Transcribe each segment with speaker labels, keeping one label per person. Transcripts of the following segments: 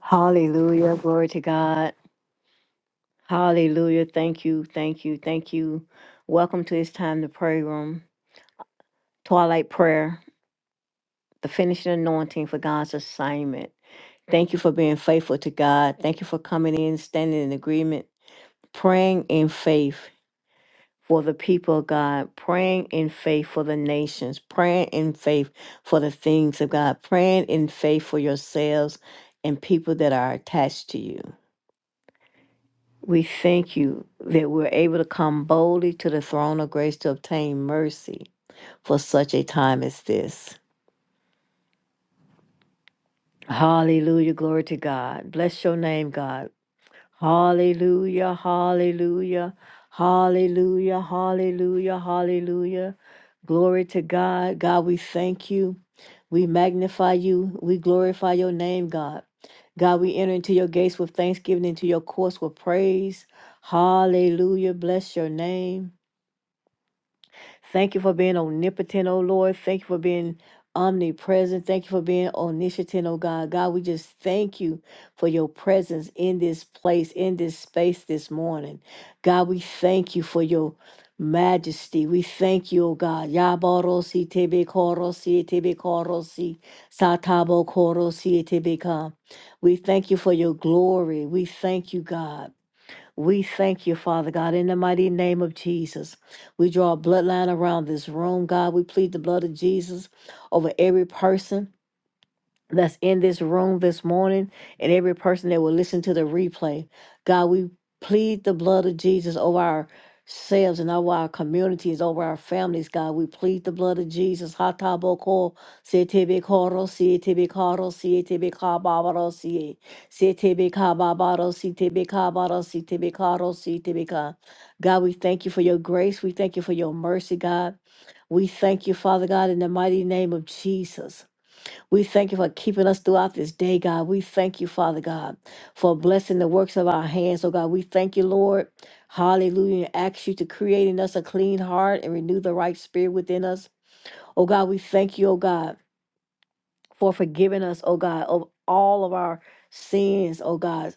Speaker 1: Hallelujah. Glory to God. Hallelujah. Thank you. Thank you. Thank you. Welcome to It's Time to Pray Room. Twilight Prayer, the finishing anointing for God's assignment. Thank you for being faithful to God. Thank you for coming in, standing in agreement, praying in faith for the people of God, praying in faith for the nations, praying in faith for the things of God, praying in faith for yourselves and people that are attached to you. We thank you that we're able to come boldly to the throne of grace to obtain mercy for such a time as this. Hallelujah. Glory to God. Bless your name, God. Hallelujah. Hallelujah. Hallelujah. Hallelujah. Hallelujah. Glory to God. God, we thank you. We magnify you. We glorify your name, God. God, we enter into your gates with thanksgiving, into your courts with praise. Hallelujah. Bless your name. Thank you for being omnipotent, oh Lord. Thank you for being omnipresent. Thank you for being omniscient, oh God. God, we just thank you for your presence in this place, in this space this morning. God, we thank you for your majesty. We thank you, oh God. Yaborosi tebe korosi tebe korosi satabo korosi tebe ka. We thank you for your glory. We thank you, God. We thank you, Father God, in the mighty name of Jesus. We draw a bloodline around this room, God. We plead the blood of Jesus over every person that's in this room this morning and every person that will listen to the replay. God, we plead the blood of Jesus over ourselves and over our communities, over our families, God. We plead the blood of Jesus. Hataboko, setebekoro, sietebekoro, sietebekababaro, sie- sietebekababaro, sietebekabaro, sietebekaro, sietebeka. God, we thank you for your grace. We thank you for your mercy, God. We thank you, Father God, in the mighty name of Jesus. We thank you for keeping us throughout this day, God. We thank you, Father God, for blessing the works of our hands. Oh God, we thank you, Lord. Hallelujah. Ask you to create in us a clean heart and renew the right spirit within us. Oh God, we thank you, oh God, for forgiving us, oh God, of all of our sins, oh God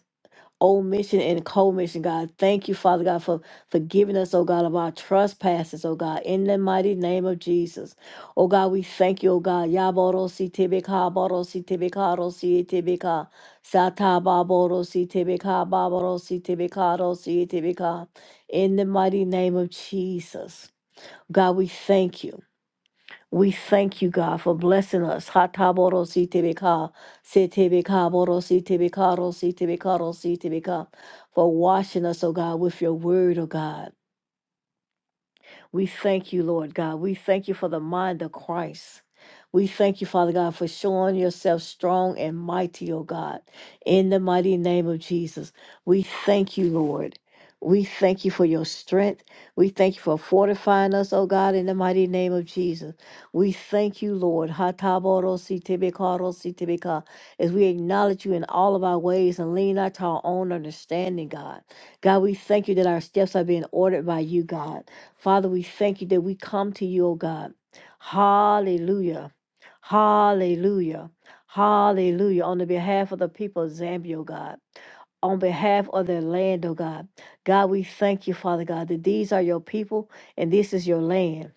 Speaker 1: omission and commission, God. Thank you, Father God, for forgiving us, oh God, of our trespasses, oh God, in the mighty name of Jesus. Oh God, we thank you, oh God. Yaboro si tebeka, boro si tebeka, ro si tebeka, sataba boro si tebeka, baboro si tebeka, ro si tebeka, in the mighty name of Jesus. God, we thank you. We thank you, God, for blessing us. Hataborositebeka, setebeka, borositebeka, rositebeka, rositebeka, For washing us, oh God, with your word, oh God. We thank you, Lord God. We thank you for the mind of Christ. We thank you, Father God, for showing yourself strong and mighty, O God, in the mighty name of Jesus. We thank you, Lord. We thank you for your strength. We thank you for fortifying us, O God, in the mighty name of Jesus. We thank you, Lord. Hataborositibikatorositibika, As we acknowledge you in all of our ways and lean not to our own understanding, God. God, we thank you that our steps are being ordered by you, God. Father, we thank you that we come to you, oh God. Hallelujah. Hallelujah. Hallelujah. On the behalf of the people of Zambia, oh God on behalf of their land, oh God. God, we thank you, Father God, that these are your people and this is your land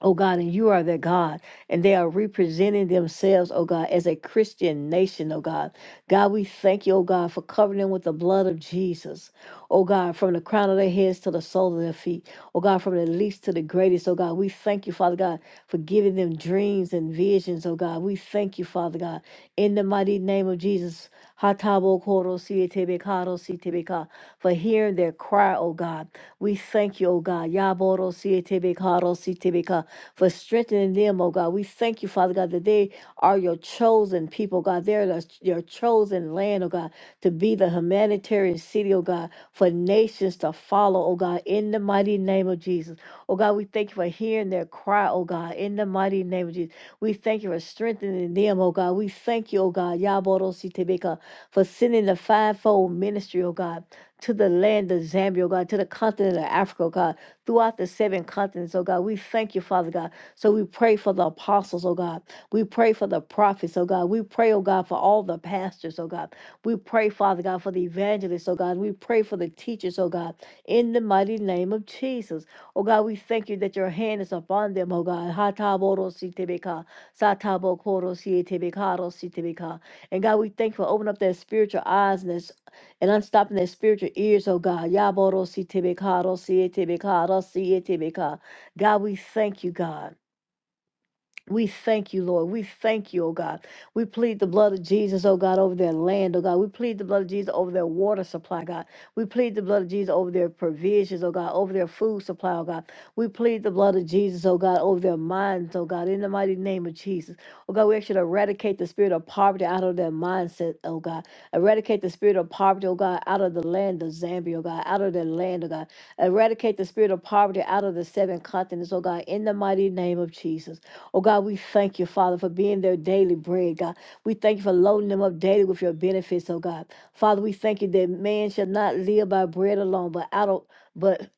Speaker 1: oh God, and you are their God, and they are representing themselves, oh God, as a Christian nation, oh God. God, we thank you, oh God, for covering them with the blood of Jesus, oh God, from the crown of their heads to the sole of their feet, oh God, from the least to the greatest, oh God. We thank you, Father God, for giving them dreams and visions, oh God. We thank you, Father God, in the mighty name of Jesus. Hatabo koro sietebe karo sietebe ka, For hearing their cry, oh God. We thank you, oh God. Yaboro sietebe karo sietebe ka, for strengthening them, oh God. We thank you, Father God, that they are your chosen people, God. They're the, your chosen land, oh God, to be the humanitarian city, oh God, for nations to follow, oh God, in the mighty name of Jesus. Oh God, we thank you for hearing their cry, oh God, in the mighty name of Jesus. We thank you for strengthening them, oh God. We thank you, oh God, Yaborositebeka, for sending the fivefold ministry, oh God, to the land of Zambia, oh God, to the continent of Africa, oh God throughout the seven continents, oh God. We thank you, Father God. So we pray for the apostles, oh God. We pray for the prophets, oh God. We pray, oh God, for all the pastors, oh God. We pray, Father God, for the evangelists, oh God. We pray for the teachers, oh God, in the mighty name of Jesus. Oh God, we thank you that your hand is upon them, oh God. Hatabodositebeka, satabokorosi etebeka, rositebeka. And God, we thank you for opening up their spiritual eyes and their and unstopping their spiritual ears, oh God. Yaboro si tebe ka, ro si e ro si e God, we thank you, God. We thank you, Lord. We thank you, oh God. We plead the blood of Jesus, oh God, over their land, oh God. We plead the blood of Jesus over their water supply, God. We plead the blood of Jesus over their provisions, oh God, over their food supply, oh God. We plead the blood of Jesus, oh God, over their minds, oh God, in the mighty name of Jesus. Oh God, we actually eradicate the spirit of poverty out of their mindset, oh God. Eradicate the spirit of poverty, oh God, out of the land of Zambia, oh God, out of their land, oh God. Eradicate the spirit of poverty out of the seven continents, oh God, in the mighty name of Jesus. Oh God, we thank you, Father, for being their daily bread, God. We thank you for loading them up daily with your benefits, oh God. Father, we thank you that man shall not live by bread alone, but out of but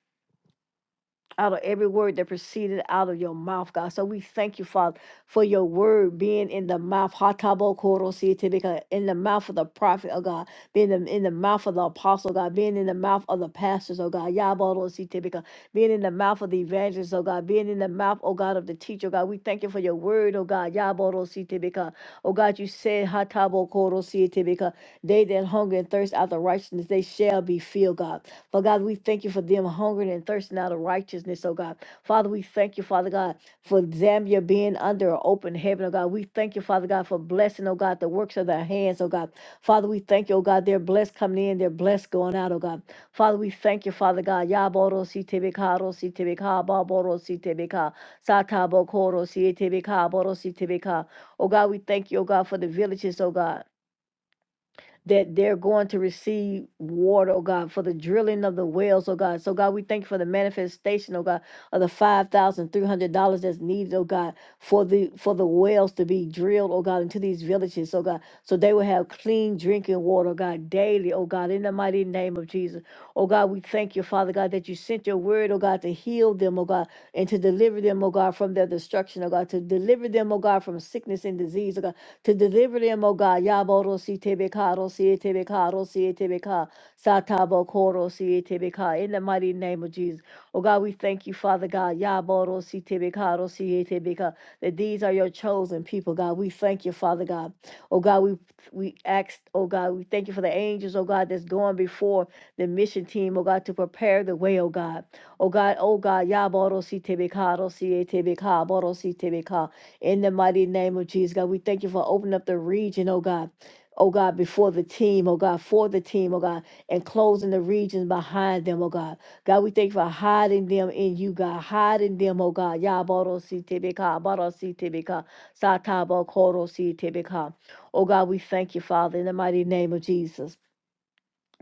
Speaker 1: out of every word that proceeded out of your mouth, God. So we thank you, Father, for your word being in the mouth, Hatabokorositibika, in the mouth of the prophet, oh God, being in, in the mouth of the apostle, God, being in the mouth of the pastors, oh God, Yabarositibika, being in the mouth of the evangelists, oh God, being in the mouth, oh God, of the teacher, oh God. We thank you for your word, oh God, Yabarositibika. Oh God, you said, Hatabokorositibika, they that hunger and thirst after righteousness, they shall be filled, God. But God, we thank you for them hungering and thirsting out of righteousness, oh God. Father, we thank you, Father God, for Zambia being under an open heaven, oh God. We thank you, Father God, for blessing, oh God, the works of their hands, oh God. Father, we thank you, oh God, they're blessed coming in, they're blessed going out, oh God. Father, we thank you, Father God. Yaboro si tebeka, ro si tebeka, baboro si tebeka, satabo koro si tebeka, boro si tebeka. Oh God, we thank you, oh God, for the villages, oh God that they're going to receive water, oh God, for the drilling of the wells, oh God. So, God, we thank you for the manifestation, oh God, of the $5,300 that's needed, oh God, for the for the wells to be drilled, oh God, into these villages, oh God, so they will have clean drinking water, oh God, daily, oh God, in the mighty name of Jesus. Oh God, we thank you, Father God, that you sent your word, oh God, to heal them, oh God, and to deliver them, oh God, from their destruction, oh God, to deliver them, oh God, from sickness and disease, oh God to deliver them, O God. Yaboro si tebekaro si tebekaro si tebeka satabo koro si tebeka in the mighty name of Jesus. O God, we thank you, Father God. Yaboro si tebekaro si tebeka that these are your chosen people, God. We thank you, Father God. Oh God, we we ask, oh God, we thank you for the angels, oh God, that's going before the mission team, oh God, to prepare the way, oh God. Oh God, oh God, Yaboro si tebekaro si tebeka boro si in the mighty name of Jesus, God, we thank you for opening up the region, oh God. Oh God, before the team, oh God, for the team, oh God, and closing the regions behind them, oh God. God, we thank you for hiding them in you, God, hiding them, oh God. Yaboro si tibika, baro si tibika, satabo koro si tibika. Oh God, we thank you, Father, in the mighty name of Jesus.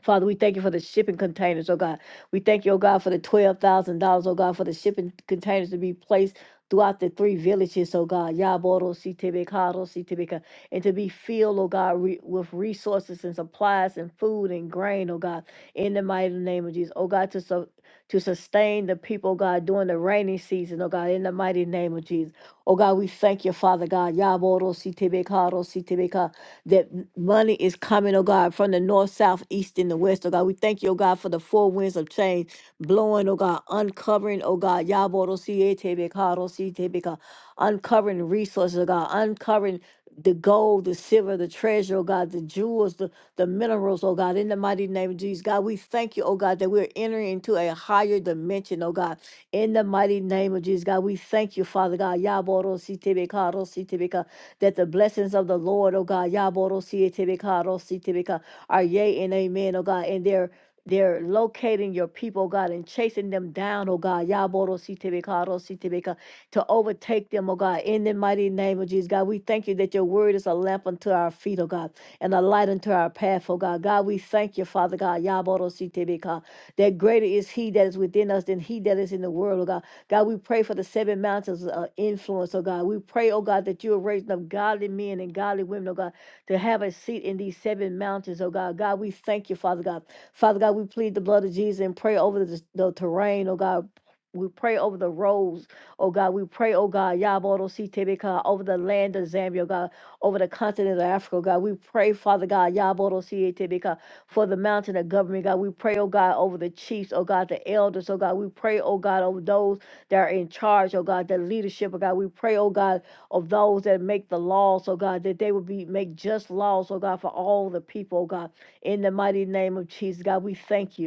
Speaker 1: Father, we thank you for the shipping containers, oh God. We thank you, oh God, for the twelve thousand dollars, oh God, for the shipping containers to be placed throughout the three villages, oh God, Yaboro, Sitibikaro, Sitibika, and to be filled, oh God, re- with resources and supplies and food and grain, oh God, in the mighty name of Jesus, oh God, to so to sustain the people, oh God, during the rainy season, oh God, in the mighty name of Jesus. Oh God, we thank you, Father God. Yaboro, Sitibikaro, Sitibika, that money is coming, oh God, from the north, south, east, and the west, oh God. We thank you, oh God, for the four winds of change blowing, oh God, uncovering, oh God, Yaboro Tebeka, uncovering resources, oh God, uncovering the gold, the silver, the treasure, oh God, the jewels, the, the minerals, oh God, in the mighty name of Jesus. God, we thank you, oh God, that we're entering into a higher dimension, oh God, in the mighty name of Jesus. God, we thank you, Father God. Yaboro Sietebeka, that the blessings of the Lord, oh God, Yaborositibika, Rositibika, are yea and amen, oh God, and they're they're locating your people, oh God, and chasing them down, oh God, Yaborositibika, Rositibika, to overtake them, oh God, in the mighty name of Jesus, God. We thank you that your word is a lamp unto our feet, oh God, and a light unto our path, oh God. God, we thank you, Father God, Yaborositibika, that greater is he that is within us than he that is in the world, oh God. God, we pray for the seven mountains of uh, influence, oh God. We pray, oh God, that you are raising up godly men and godly women, oh God, to have a seat in these seven mountains, oh God. God, we thank you, Father God. Father God, we plead the blood of Jesus and pray over the, the terrain, oh God. We pray over the roads, oh God. We pray, oh God, Yabodo Sitebeka, over the land of Zambia, oh God, over the continent of Africa, oh God. We pray, Father God, Yabodo Sitebeka, for the mountain of government, God. We pray, oh God, over the chiefs, oh God, the elders, oh God. We pray, oh God, over those that are in charge, oh God, that leadership, oh God. We pray, oh God, of those that make the laws, oh God, that they would be make just laws, oh God, for all the people, oh God. In the mighty name of Jesus, God, we thank you.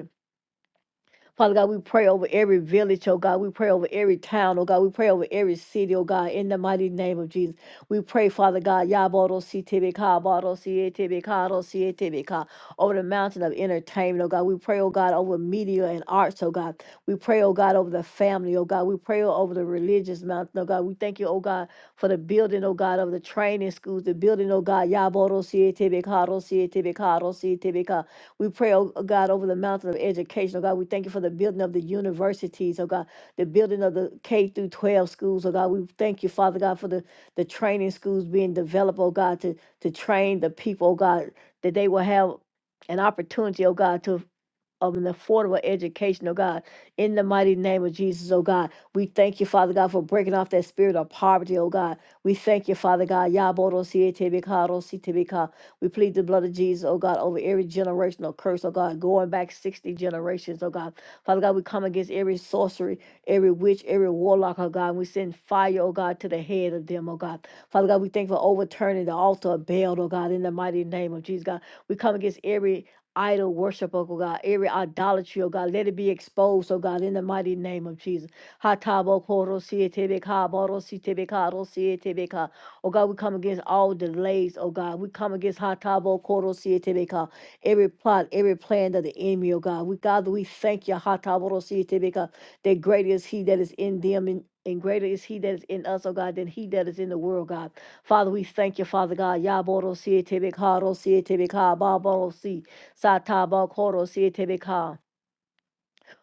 Speaker 1: Father God, we pray over every village, oh God. We pray over every town, oh God. We pray over every city, oh God, in the mighty name of Jesus. We pray, Father God, Yaboro CTBK, Boro si CTBK, over the mountain of entertainment, oh God. We pray, oh God, over media and arts, oh God. We pray, oh God, over the family, oh God. We pray over the religious mountain, oh God. We thank you, oh God, for the building, oh God, of the training schools, the building, oh God, Yaboro si CTBK, we pray, oh oh God, over the mountain of education. Oh God, we thank you for the building of the universities. Oh God, the building of the K through 12 schools. Oh God, we thank you, Father God, for the, the training schools being developed, oh God, to, to train the people, oh God, that they will have an opportunity, oh God, to of an affordable education, oh God. In the mighty name of Jesus, oh God. We thank you, Father God, for breaking off that spirit of poverty, oh God. We thank you, Father God. Yabodo sietebeka, ro sitebeka. We plead the blood of Jesus, oh God, over every generational curse, oh God, going back 60 generations, oh God. Father God, we come against every sorcery, every witch, every warlock, oh God. we send fire, oh God, to the head of them, oh God. Father God, we thank you for overturning the altar of Baal, oh God, in the mighty name of Jesus, God. We come against every idol worship, oh God, every idolatry, oh God, let it be exposed, oh God, in the mighty name of Jesus. Hatabo koro sietebeka, boro sietebeka, ro sietebeka. Oh God, we come against all delays, oh God. We come against Hatabo koro sietebeka, every plot, every plan of the enemy, oh God. We God, we thank you, Hatabo ro sietebeka, that greater is he that is in them and and greater is he that is in us, oh God, than he that is in the world, God. Father, we thank you, Father God. Yaboro sietebeka, ro sietebeka, baboro si. Satabakoro Sietebeka.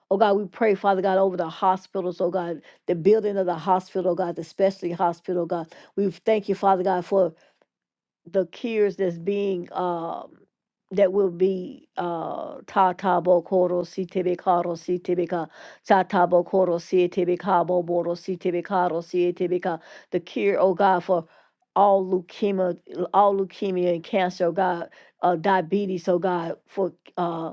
Speaker 1: Oh God, we pray, Father God, over the hospitals, oh God, the building of the hospital, oh God, the specialty hospital, oh God. We thank you, Father God, for the cures that's being uh, that will be uh ta ta bo koro si te karo si te be ka ta ta bo koro si te ka bo boro si te karo si te ka the cure oh god for all leukemia all leukemia and cancer oh god uh diabetes oh god for uh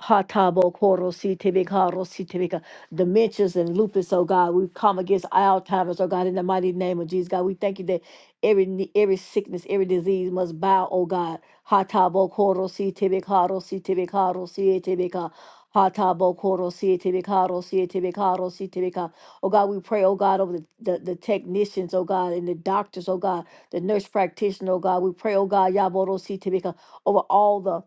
Speaker 1: Hatabo Koro Si Tibika Ro Si Tibika. Dementias and lupus, oh God. We come against Alzheimer's, oh God, in the mighty name of Jesus. God, we thank you that every ne- every sickness, every disease must bow, oh God. Hatabo Koro Si Tibika Ro Si Tibika Ro Si Tibika. Hatabo Koro Si Tibika Ro Si Tibika Ro Si Tibika. Oh God, we pray, oh God, over the, the, the technicians, oh God, and the doctors, oh God, the nurse practitioner, oh God. We pray, oh God, Yaboro Si Tibika, over all the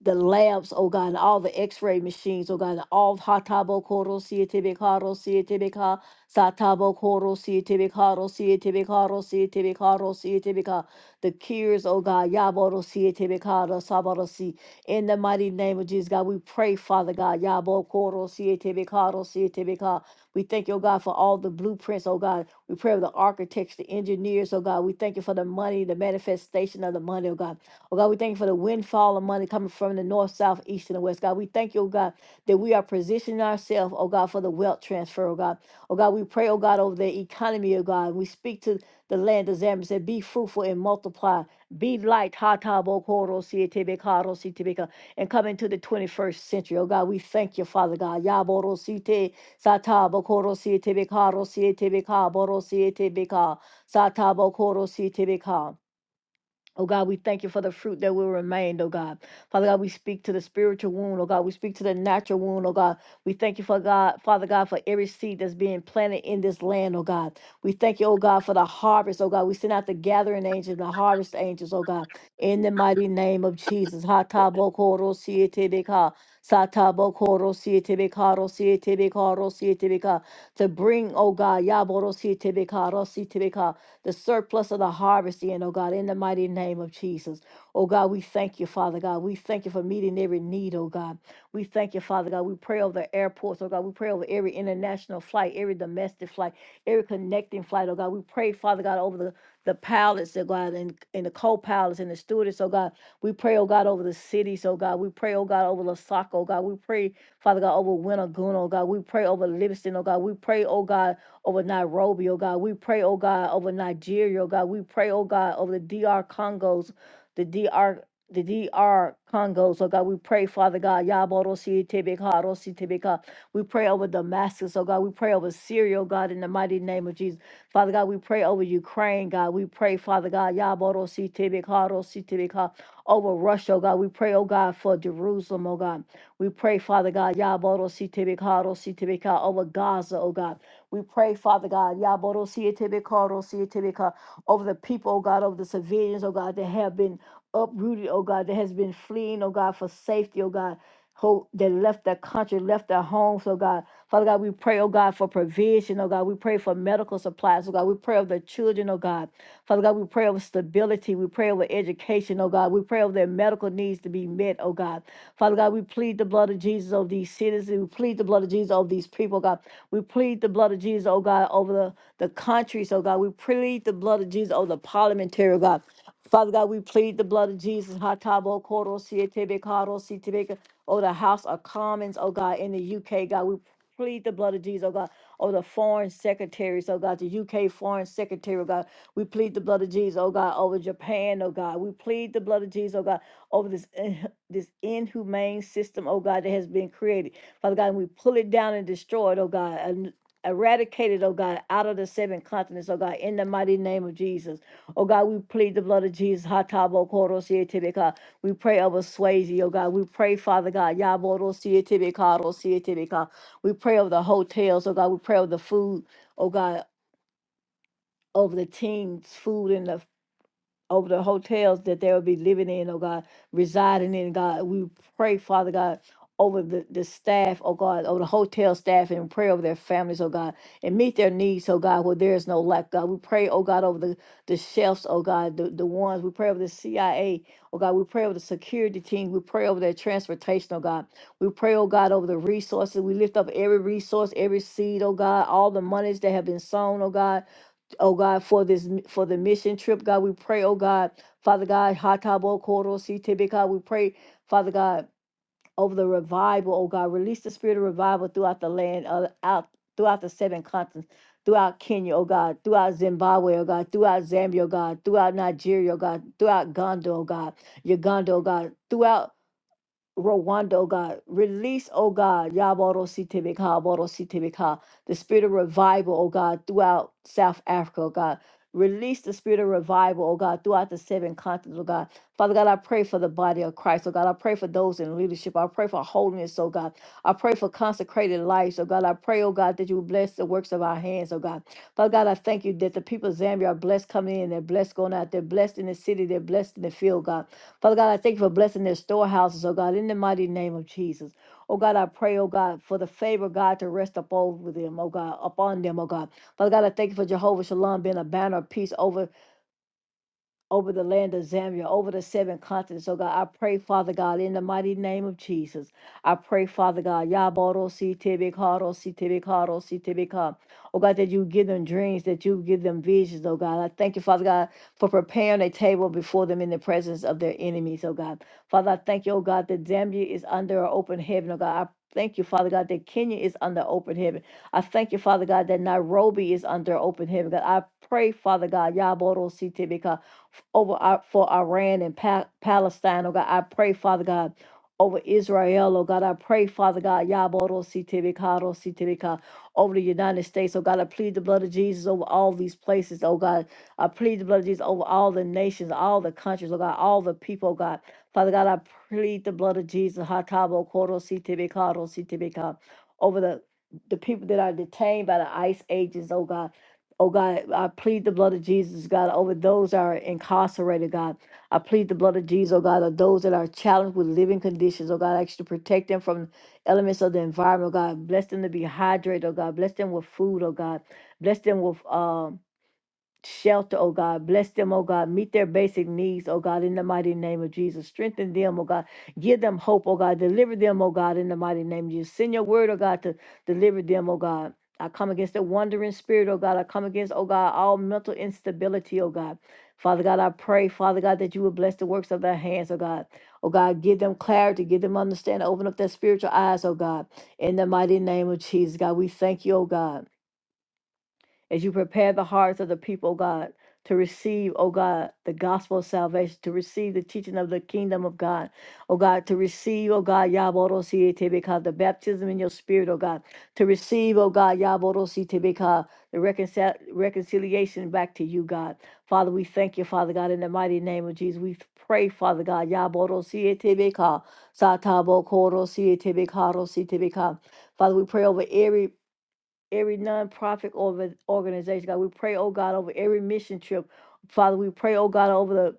Speaker 1: the labs, oh God, and all the x-ray machines, oh God, and all Hatabo Koro Sietibikaro Sietibika, Satabo Koro Sietibikaro Sietibikaro Sietibikaro Sietibika, the cures, oh God, Yaboro Sietibikaro Saboro Si. In the mighty name of Jesus, God, we pray, Father God, Yabo Koro Sietibikaro Sietibika. We thank you, oh God, for all the blueprints, oh God. We pray for the architects, the engineers, oh God. We thank you for the money, the manifestation of the money, oh God. Oh God, we thank you for the windfall of money coming from the north, south, east, and the west. God, we thank you, oh God, that we are positioning ourselves, oh God, for the wealth transfer, oh God. Oh God, we pray, oh God, over the economy, oh God. We speak to the land of Zambia, said, be fruitful and multiply. Be light, ha ta bo ko ro si e te be ka ro si te be ka," and come into the 21st century. Oh God, we thank you, Father God. Ya bo ro si te, sa ta bo ko ro si e te be ka ro si e te be ka, bo ro si e te be ka, sa ta bo ko ro si e te be ka. Oh God, we thank you for the fruit that will remain, oh God. Father God, we speak to the spiritual wound, oh God. We speak to the natural wound, oh God. We thank you for God, Father God, for every seed that's being planted in this land, oh God. We thank you, oh God, for the harvest, oh God. We send out the gathering angels, the harvest angels, oh God. In the mighty name of Jesus. Ha ta bo ko ro si e te be ka. Sa ta bo ko ro si e te be ka ro si e te be ka ro si e te be ka. To bring, oh God, ya bo ro si e te be ka ro si e te be ka the surplus of the harvest in, oh God, in the mighty name of Jesus. Oh God, we thank you, Father God. We thank you for meeting every need, oh God. We thank you, Father God. We pray over the airports, oh God. We pray over every international flight, every domestic flight, every connecting flight, oh God. We pray, Father God, over the, the pilots, oh God, and, and the co pilots and the stewardess, oh God. We pray, oh God, over the cities, oh God. We pray, oh God, over Lasaka, oh God. We pray, Father God, over Wintergoon, oh God. We pray over Livingston, oh God. We pray, oh God over Nairobi, oh God. We pray, oh God, over Nigeria, oh God. We pray, oh God, over the D R Congos, the D R, The D R Congos, oh God, we pray, Father God, Yaborosi Tebeka, Rosi Tebeka. We pray over Damascus, oh God. We pray over Syria, oh God, in the mighty name of Jesus. Father God, we pray over Ukraine, God. We pray, Father God, Yaborosi Tebeka, Rosi Tebeka, over Russia, oh God. We pray, oh God, for Jerusalem, oh God. We pray, Father God, Yaboro Sitibikaro Sitibika over Gaza, oh God. We pray, Father God, Yaborosiyatebeka, Rosiyatebeka, over the people, oh God, over the civilians, oh God, that have been uprooted, oh God, that has been fleeing, oh God, for safety, oh God. Hope that left their country, left their homes, oh God. Father God, we pray, oh God, for provision, oh God. We pray for medical supplies, oh God. We pray over the children, oh God. Father God, we pray over stability. We pray over education, oh God. We pray over their medical needs to be met, oh God. Father God, we plead the blood of Jesus over these cities. We plead the blood of Jesus over these people, oh God. We plead the blood of Jesus, oh God, over the, the countries, oh God. We plead the blood of Jesus over the parliamentary, oh God. Father God, we plead the blood of Jesus. Hatabo Koro Sietebe Karo Sitebeka. Oh, the House of Commons, oh God, in the UK, God. We plead the blood of Jesus, oh God. Oh, the foreign secretaries, oh God, the UK foreign secretary, oh God. We plead the blood of Jesus, oh God, over Japan, oh God. We plead the blood of Jesus, oh God, over this, in- this inhumane system, oh God, that has been created. Father God, and we pull it down and destroy it, oh God, and eradicate it, oh God, out of the seven continents, oh God, in the mighty name of Jesus. Oh God, we plead the blood of Jesus. Hatabo koro siye tebe ka. We pray over Swayze, oh God. We pray, Father God, Yaboro siye tebe ka, ro siye tebe ka. We pray over the hotels, oh God. We pray over the food, oh God, over the teens, food and the over the hotels that they will be living in, oh God, residing in, God. We pray, Father God, over the, the staff, oh God, over the hotel staff and pray over their families, oh God, and meet their needs, oh God, where there is no lack, God. We pray, oh God, over the, the chefs, oh God, the, the ones. We pray over the CIA, oh God. We pray over the security team. We pray over their transportation, oh God. We pray, oh God, over the resources. We lift up every resource, every seed, oh God, all the monies that have been sown, oh God oh God, for this for the mission trip, God. We pray, oh God, Father God, Hatabo Koro Si Tebe, God. We pray, Father God, over the revival, oh God, release the spirit of revival throughout the land, uh, out throughout the seven continents. Throughout Kenya, oh God, throughout Zimbabwe, oh God, throughout Zambia, oh God, throughout Nigeria, oh God, throughout Ghana, oh God, Uganda, oh God, throughout Rwanda, oh God. Release, oh God, Yaboro Sitebeka, Boro Sitebeka, the spirit of revival, oh God, throughout South Africa, oh God. Release the spirit of revival, oh God, throughout the seven continents, oh God. Father God, I pray for the body of Christ, oh God. I pray for those in leadership. I pray for holiness, oh God. I pray for consecrated lives, oh God. I pray, oh God, that you bless the works of our hands, oh God. Father God, I thank you that the people of Zambia are blessed coming in, they're blessed going out, they're blessed in the city, they're blessed in the field, God. Father God, I thank you for blessing their storehouses, oh God, in the mighty name of Jesus. Oh God, I pray, oh God, for the favor, God, to rest up over them, oh God, upon them, oh God. Father God, I thank you for Jehovah Shalom being a banner of peace over over the land of Zambia, over the seven continents. Oh God, I pray, Father God, in the mighty name of Jesus. I pray, Father God, Yaboro si tibikaro si tibikaro si tibika. Oh God, that you give them dreams, that you give them visions, oh God. I thank you, Father God, for preparing a table before them in the presence of their enemies, oh God. Father, I thank you, oh God, that Zambia is under an open heaven, oh God. I thank you, Father God, that Kenya is under open heaven. I thank you, Father God, that Nairobi is under open heaven. God, I pray, Father God, Yaboro si tibika over our, for Iran and pa- Palestine, oh God. I pray, Father God, over Israel, oh God. I pray, Father God, Yaboro Sitibikaro Sitibika, over the United States, oh God. I plead the blood of Jesus over all these places, oh God. I plead the blood of Jesus over all the nations, all the countries, oh God, all the people, oh God. Father God, I plead the blood of Jesus, Hatabo Koro Sitibikaro Sitibika, over the the people that are detained by the ICE agents, oh God. Oh God, I plead the blood of Jesus, God, over those that are incarcerated, God. I plead the blood of Jesus, oh God, of those that are challenged with living conditions, oh God. I ask you to protect them from elements of the environment, oh God. Bless them to be hydrated, oh God. Bless them with food, oh God. Bless them with um shelter, oh God. Bless them, oh God. Meet their basic needs, oh God, in the mighty name of Jesus. Strengthen them, oh God. Give them hope, oh God. Deliver them, oh God, in the mighty name of Jesus. Send your word, oh God, to deliver them, oh God. I come against the wandering spirit, oh God. I come against, oh God, all mental instability, oh God. Father God, I pray, Father God, that you would bless the works of their hands, oh God. Oh God, give them clarity, give them understanding, open up their spiritual eyes, oh God. In the mighty name of Jesus, God, we thank you, oh God as you prepare the hearts of the people, God, to receive, oh God, the gospel of salvation, to receive the teaching of the kingdom of God, oh God, to receive, oh God, Yaborositebeka, the baptism in your spirit, oh God, to receive, oh God, Yaborositebeka, the reconcil- reconciliation back to you, God. Father, we thank you, Father God, in the mighty name of Jesus. We pray, Father God, Yaborositebeka, Satabokoro, Father, we pray over every every nonprofit orga- organization, God. We pray, oh God, over every mission trip. Father, we pray, oh God, over the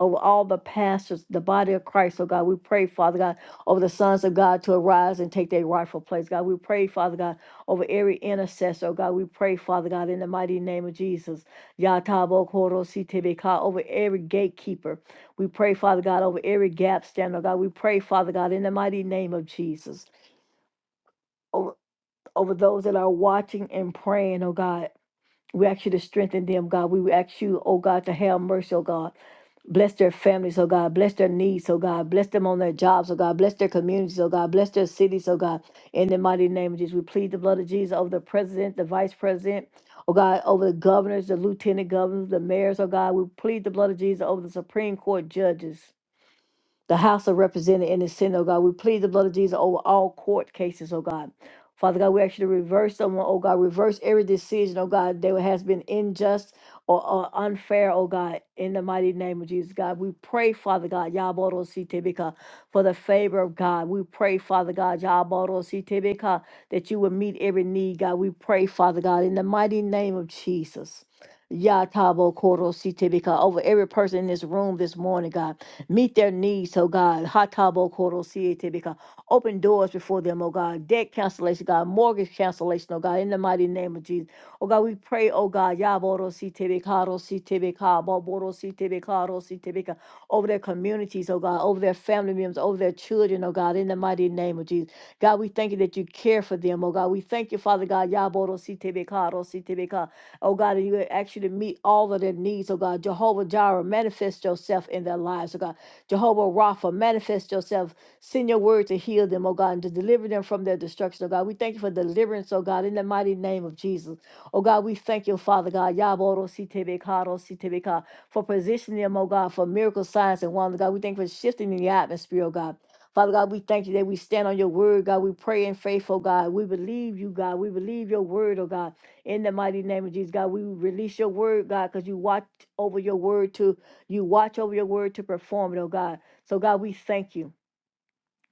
Speaker 1: over all the pastors, the body of Christ, oh God. We pray, Father God, over the sons of God to arise and take their rightful place. God, we pray, Father God, over every intercessor, oh God. We pray, Father God, in the mighty name of Jesus. Yatabo Koro Sitebeka, over every gatekeeper. We pray, Father God, over every gap stand, oh God. We pray, Father God, in the mighty name of Jesus. Over over those that are watching and praying, oh God. We ask you to strengthen them, God. We ask you, oh God, to have mercy, oh God. Bless their families, oh God. Bless their needs, oh God. Bless them on their jobs, oh God. Bless their communities, oh God. Bless their cities, oh God. In the mighty name of Jesus, we plead the blood of Jesus over the president, the vice president, oh God, over the governors, the lieutenant governors, the mayors, oh God. We plead the blood of Jesus over the Supreme Court judges the House of Representatives and the Senate, oh God. We plead the blood of Jesus over all court cases, oh God. Father God, we actually reverse them, oh God, reverse every decision, oh God, that has been unjust or, or unfair, oh God, in the mighty name of Jesus, God. We pray, Father God, Yaboro Sitebeka, for the favor of God. We pray, Father God, Yaboro Sitebeka, that you will meet every need, God. We pray, Father God, in the mighty name of Jesus. Yatabo Koro Sitebeka, over every person in this room this morning, God. Meet their needs, oh God. Hatabo koro siete, because Open doors before them, oh God. Debt cancellation, God. Mortgage cancellation, oh God. In the mighty name of Jesus. Oh God, we pray, oh God. Yaboro siete bekaro siete beka, boboro siete beka, ro siete beka, Over their communities, oh God. Over their family members, over their children, oh God. In the mighty name of Jesus. God, we thank you that you care for them, oh God. We thank you, Father God. Yaboro siete beka, ro siete beka, Oh God, and you actually meet all of their needs, oh God. Jehovah Jireh, manifest yourself in their lives, oh God. Jehovah Rapha, manifest yourself. Send your word to heal them, oh God, and to deliver them from their destruction, oh God. We thank you for deliverance, oh God, in the mighty name of Jesus. Oh God, we thank you, Father God. Yaboro Sitebekaro Sitebeka for positioning them, oh God, for miracle signs and wonders, God. We thank you for shifting in the atmosphere, oh God. Father God, we thank you that we stand on your word, God. We pray in faith, oh God. We believe you, God. We believe your word, oh God. In the mighty name of Jesus, God, we release your word, God, because you watch over your word to you watch over your word to perform it, oh God. So God, we thank you.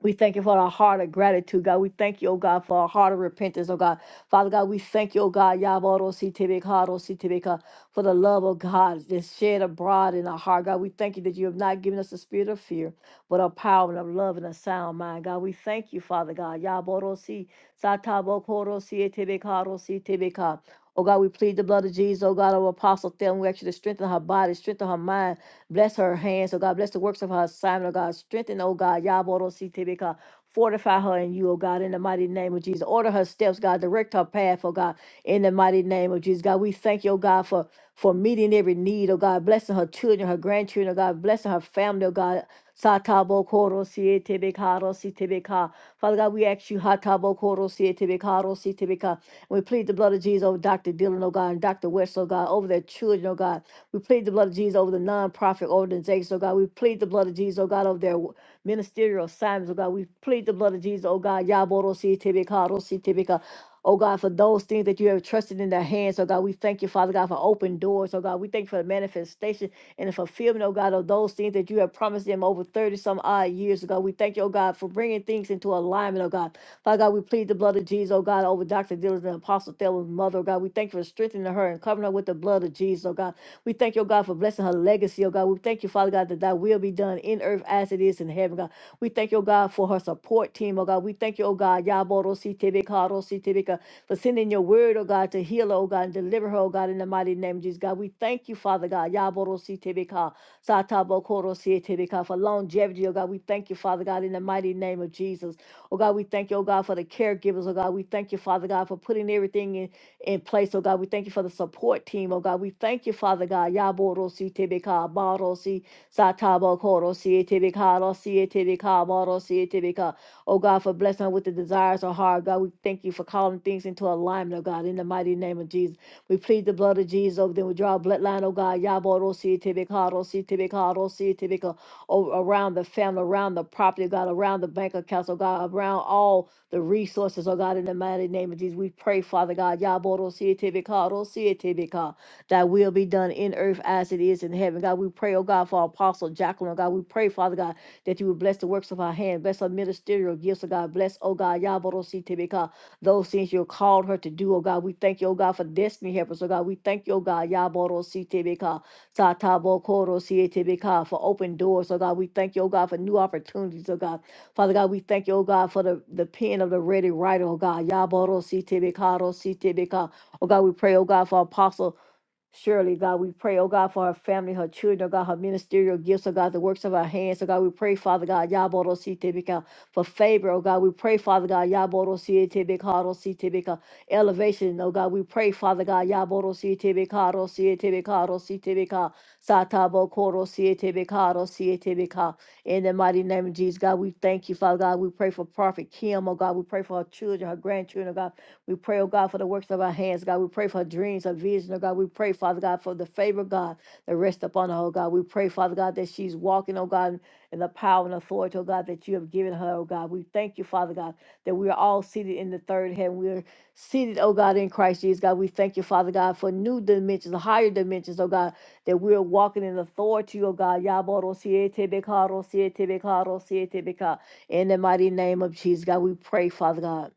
Speaker 1: We thank you for our heart of gratitude, God. We thank you, oh God, for our heart of repentance, oh God. Father God, we thank you, oh God, Yaboro Sitibikaro Sitibika, for the love of God that's shed abroad in our heart, God. We thank you that you have not given us the spirit of fear, but a power and of love and a sound mind, God. We thank you, Father God. Yaboro Si Satabokoro Sitibikaro Sitibika. Oh God, we plead the blood of Jesus, oh God, of Apostle Thelma. We actually strengthen her body, strengthen her mind. Bless her hands, oh God. Bless the works of her assignment, oh God. Strengthen, oh God. Yaboro CTBK. Fortify her in you, oh God, in the mighty name of Jesus. Order her steps, God. Direct her path, oh God, in the mighty name of Jesus. God, we thank you, oh God, for, for meeting every need, oh God. Blessing her children, her grandchildren, oh God. Blessing her family, oh God. Satabo Koro CTBK, CTBK. Father God, we ask you, Hatabo Koro CTBK, CTBK. We plead the blood of Jesus over Dr. Dillon, oh God, and Dr. West, oh God, over their children, oh God. We plead the blood of Jesus over the nonprofit organizations, oh God. We plead the blood of Jesus, oh God, over their w- ministerial assignments, oh God. We plead the blood of Jesus, oh God. Yaboro si tibika, ro si tibika. Oh God, for those things that you have trusted in their hands, oh God, we thank you, Father God, for open doors, oh God. We thank you for the manifestation and the fulfillment, oh God, of those things that you have promised them over 30 some odd years ago. We thank you, oh God, for bringing things into alignment, oh God. Father God, we plead the blood of Jesus, oh God, over Dr. Dillon and Apostle Thayer's mother, oh God. We thank you for strengthening her and covering her with the blood of Jesus, oh God. We thank your God, for blessing her legacy, oh God. We thank you, Father God, that thy will be done in earth as it is in heaven, God. We thank you, oh God, for her support team, oh God. We thank you, oh God, Yaborositebeka, for sending your word, oh God, to heal her, oh God, and deliver her, oh God, in the mighty name of Jesus, God. We thank you, Father God, Yaborositebeka, Satabokorosetebeka, for longevity, oh God. We thank you, Father God, in the mighty name of Jesus. Oh God, we thank you, oh God, for the caregivers, oh God. We thank you, Father God, for putting everything in in place, oh God. We thank you for the support team, oh God. We thank you, Father God. Yaborosi tebeka barosi satabo korosi tebeka rosi tebeka barosi tebeka. Oh God, for blessing her with the desires of her heart, God. We thank you for calling things into alignment, oh God, in the mighty name of Jesus. We plead the blood of Jesus over them. We draw a bloodline, oh God. Yaborosi tebeka rosi tebeka rosi tebeka. o- Around the family, around the property, oh God, around the bank accounts, oh God, around all the resources, oh God, in the mighty name of Jesus. We pray, Father God, Yaboro Sietibika, Ro Sietibika, that will be done in earth as it is in heaven. God, we pray, oh God, for Apostle Jacqueline, oh God. We pray, Father God, that you would bless the works of our hand, bless our ministerial gifts, oh God. Bless, oh God, Yaboro Sietibika, those things you called her to do, oh God. We thank you, oh God, for destiny helpers, oh God. We thank you, oh God, Yaboro Sietibika, Satabo Koro Sietibika, for open doors, oh God. We thank you, oh God, for new opportunities, oh God. Father God, we thank you, oh God, for the, the pen of the ready writer, oh God. Yaboro CTBK, Ro CTBK. Oh God, we pray, oh God, for Apostle. Surely, God, we pray, oh God, for her family, her children, oh God, her ministerial gifts, oh God, the works of our hands, oh God, we pray, Father God, Yabodo si Tebeka, for favor, oh God, we pray, Father God, Yabodo si Tebeka, si Tebeka, elevation, oh God, we pray, Father God, Yabodo si Tebeka, si Tebeka, si Tebeka, Satabo Koro si Tebeka, si Tebeka, in the mighty name of Jesus, God, we thank you, Father God, we pray for Prophet Kim, oh God, we pray for her children, her grandchildren, oh God, we pray, oh God, for the works of our hands, God. We pray for dreams, her vision, oh God. We pray, Father God, for the favor, God, that rests upon her, oh God. We pray, Father God, that she's walking, oh God, in the power and authority, oh God, that you have given her, oh God. We thank you, Father God, that we are all seated in the third heaven. We are seated, oh God, in Christ Jesus, God. We thank you, Father God, for new dimensions, higher dimensions, oh God, that we are walking in authority, oh God. Yaboro siete bekaro siete bekaro siete beka. In the mighty name of Jesus, God, we pray, Father God.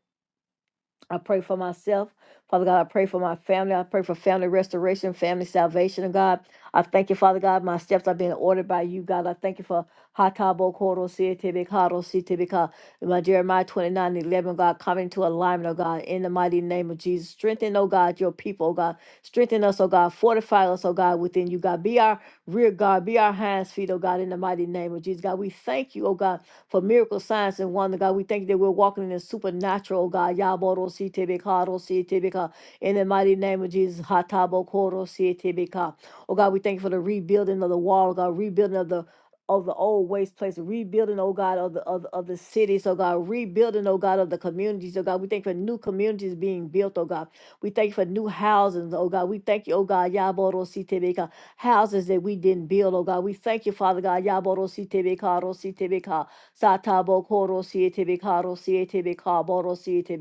Speaker 1: I pray for myself. Father God, I pray for my family. I pray for family restoration, family salvation, And God. I thank you, Father God. My steps are being ordered by you, God. I thank you for Hatabo Koro Tibikado Sitibika. My Jeremiah 29 and 11, God, come into alignment, oh God, in the mighty name of Jesus. Strengthen, oh God, your people, oh God. Strengthen us, oh God. Fortify us, oh God, within you, God. Be our rear guard, be our hands, feet, oh God, in the mighty name of Jesus. God, we thank you, oh God for miracle signs and wonder, God. We thank you that we're walking in the supernatural, God. Yaboro si tebekaro si tebeka. In the mighty name of Jesus, hatabo koro si tebeka. Oh God, we thank you for the rebuilding of the wall, God, rebuilding of the of the old waste place, rebuilding, oh God, of the of, the- of the cities, oh God, rebuilding, oh God, of the communities, oh God. We thank you for new communities being built, oh God. We thank you for new houses, oh God. We thank you, oh God, Yaboro si tebeka, houses that we didn't build, oh God. We thank you, Father God, Yaboro si tebeka, Satabo koro siete beka siete beka boro siete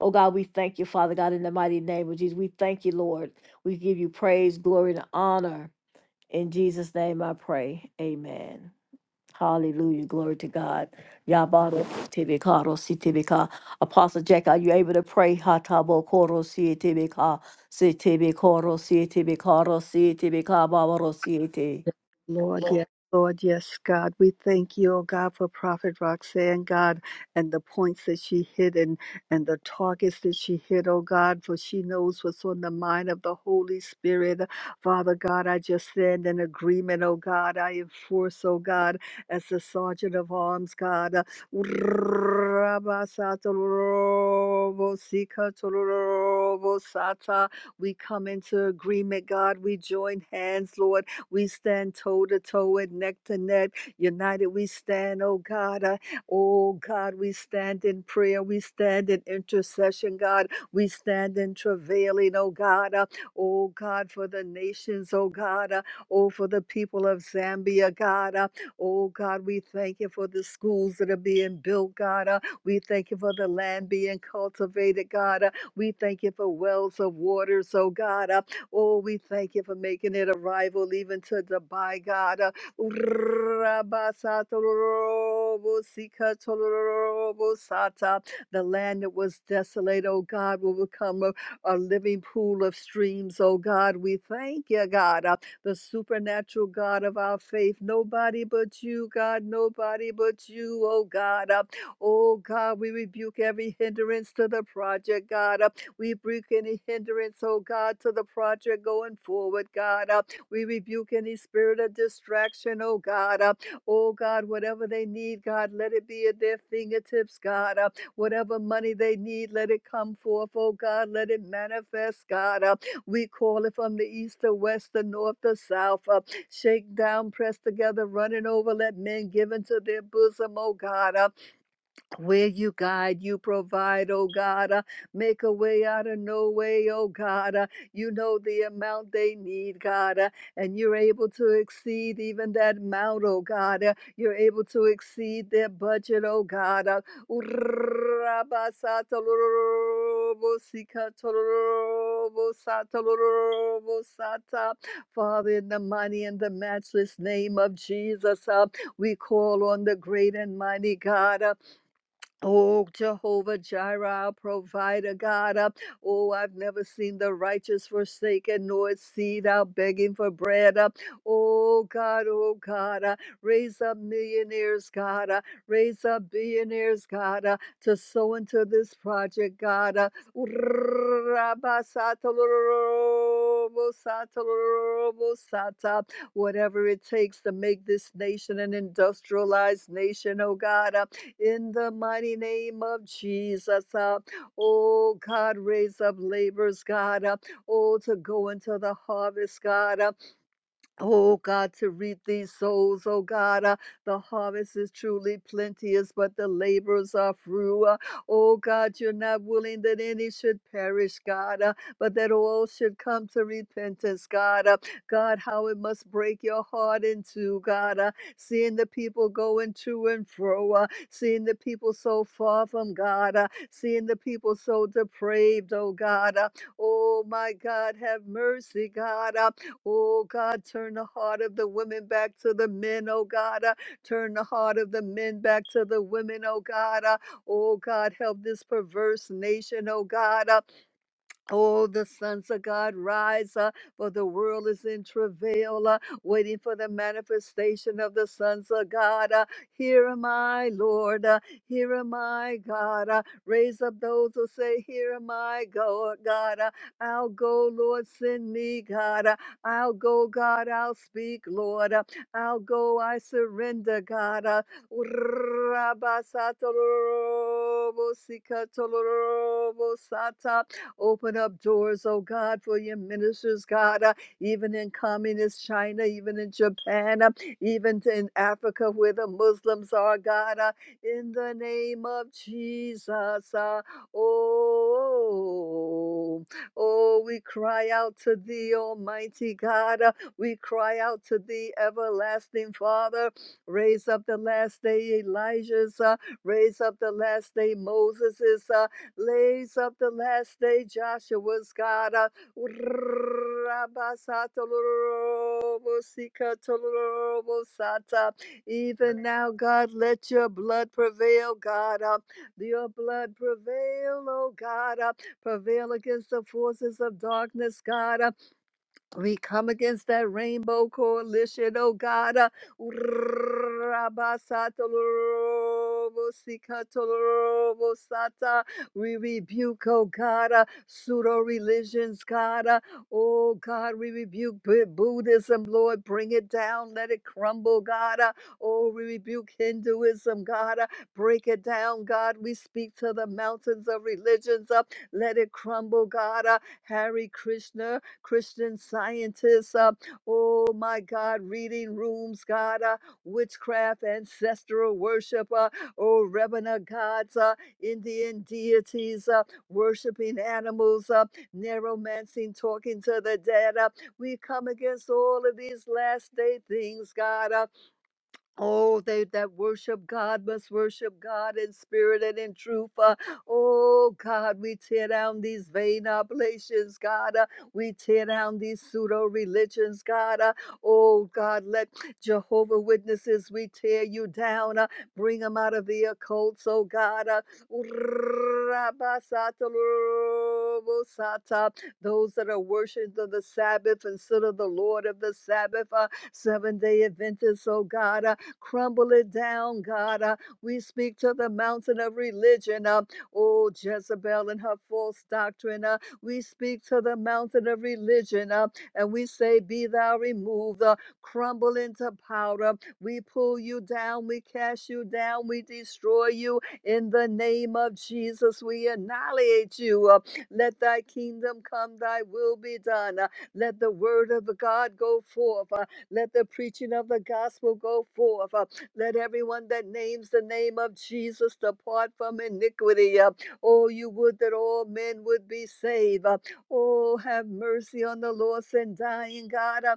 Speaker 1: Oh God, we thank you, Father God, in the mighty name of Jesus. We thank you, Lord. We give you praise, glory, and honor. In Jesus' name I pray. Amen. Hallelujah. Glory to God. Yabaro tibikaro si tibika. Apostle Jack, are you able to pray? Hatabo koro si tibika. Si tibikoro si tibikaro si tibika babaro si te.
Speaker 2: Lord, yes, Lord, yes, God. We thank you, oh God, for Prophet Roxanne, God, and the points that she hit and, and the targets that she hit, oh God, for she knows what's on the mind of the Holy Spirit. Father God, I just stand in agreement, oh God. I enforce, oh God, as the sergeant of arms, God. uh, We come into agreement, God. We join hands, Lord we stand toe to toe and neck to neck. United we stand, oh God. Uh, oh God, we stand in prayer. We stand in intercession, God. We stand in travailing, oh God. Uh, oh God, for the nations, oh God. Uh, oh, for the people of Zambia, God. Uh, oh God, we thank you for the schools that are being built, God. Uh, we thank you for the land being cultivated, God. Uh, we thank you for wells of waters, oh God. Uh, Oh, we thank you for making it arrival even to Dubai, God. Uh, The land that was desolate, oh God, will become a, a living pool of streams, oh God. We thank you, God, uh, the supernatural God of our faith. Nobody but you, God. Nobody but you, oh God. Uh, Oh God, we rebuke every hindrance to the project, God. Uh, we rebuke any hindrance, oh God, to the project going forward, God. Uh, we rebuke any spirit of distraction, oh God. Uh, oh God, whatever they need, God, let it be at their fingertips, God. Uh, whatever money they need, let it come forth, oh God. Let it manifest, God. Uh, we call it from the east, the west, the north, the south. Uh, shake down, press together, running over. Let men give into their bosom, oh God. Uh, where you guide, you provide, oh God. uh, make a way out of no way, oh God. uh, you know the amount they need, God. uh, and you're able to exceed even that amount, oh God. uh, you're able to exceed their budget, oh God. uh, Father, in the mighty and the matchless name of Jesus, uh, we call on the great and mighty God. uh, Oh, Jehovah Jireh, our provider, God. Uh, oh, I've never seen the righteous forsaken, nor its seed out begging for bread. Uh, oh, God, oh, God. Uh, raise up millionaires, God. Uh, raise up billionaires, God, uh, to sow into this project, God. Uh, whatever it takes to make this nation an industrialized nation, oh, God. uh, in the mighty name of Jesus. Uh, oh God, raise up laborers, God, uh, oh to go into the harvest, God. uh, Oh God, to reap these souls, oh God, uh, the harvest is truly plenteous, but the laborers are few. Uh, oh God, you're not willing that any should perish, God, uh, but that all should come to repentance, God. Uh, God, how it must break your heart in two, God, uh, seeing the people going to and fro, uh, seeing the people so far from God, uh, seeing the people so depraved, oh God. Uh, oh my God, have mercy, God. Uh, Oh God, turn the heart of the women back to the men, oh God. Uh, turn the heart of the men back to the women, oh God. Uh, oh God, help this perverse nation, oh God. Uh, Oh, the sons of God rise up, for the world is in travail, uh, waiting for the manifestation of the sons of God. Uh, here am I, Lord. Uh, here am I, God. Uh, raise up those who say, Here am I, go, God. Uh, I'll go, Lord. Send me, God. Uh, I'll go, God. I'll speak, Lord. Uh, I'll go. I surrender, God. Uh, Open up doors, oh God, for your ministers, God, uh, even in communist China, even in Japan, uh, even in Africa where the Muslims are, God, uh, in the name of Jesus. Uh, oh, oh, we cry out to thee, Almighty God. uh, we cry out to thee, everlasting Father. Raise up the last day Elijah's, uh, raise up the last day Moses's, uh, Lays of the last day, Joshua's God. uh, Rabasatolorobosikatolorobosata. Even now, God, let your blood prevail, God. uh, Your blood prevail, oh God. uh, Prevail against the forces of darkness, God. uh, we come against that rainbow coalition, oh God. uh, Rabasatolorobosikatolorobosata. We rebuke, oh God, uh, pseudo religions, God. uh, Oh God, we rebuke Bu- Buddhism, Lord. Bring it down, let it crumble, God. uh, Oh, we rebuke Hinduism, God. uh, Break it down, God. We speak to the mountains of religions up. Let it crumble, God. uh, Hare Krishna. Christian Scientists, uh, oh my God, reading rooms, God, uh, witchcraft, ancestral worship, uh, oh Rebana gods, uh, Indian deities, uh, worshiping animals, uh, neuromancing, talking to the dead. Uh, we come against all of these last day things, God. Uh, Oh, they that worship God must worship God in spirit and in truth. Uh, oh, God, we tear down these vain oblations, God. Uh, we tear down these pseudo religions, God. Uh, oh, God, let Jehovah Witnesses, we tear you down. Uh, bring them out of the occults, oh, God. Uh, those that are worshipers of the Sabbath instead of the Lord of the Sabbath, uh, seven day Adventists, oh, God. Uh, Crumble it down, God. Uh, we speak to the mountain of religion. Uh, oh, Jezebel and her false doctrine. Uh, we speak to the mountain of religion. Uh, and we say, Be thou removed, uh, crumble into powder. We pull you down, we cast you down, we destroy you. In the name of Jesus, we annihilate you. Uh, let thy kingdom come, thy will be done. Uh, let the word of God go forth. Let the preaching of the gospel go forth. Uh, Let everyone that names the name of Jesus depart from iniquity. Uh, Oh, you would that all men would be saved. Uh, Oh, have mercy on the lost and dying, God. Uh,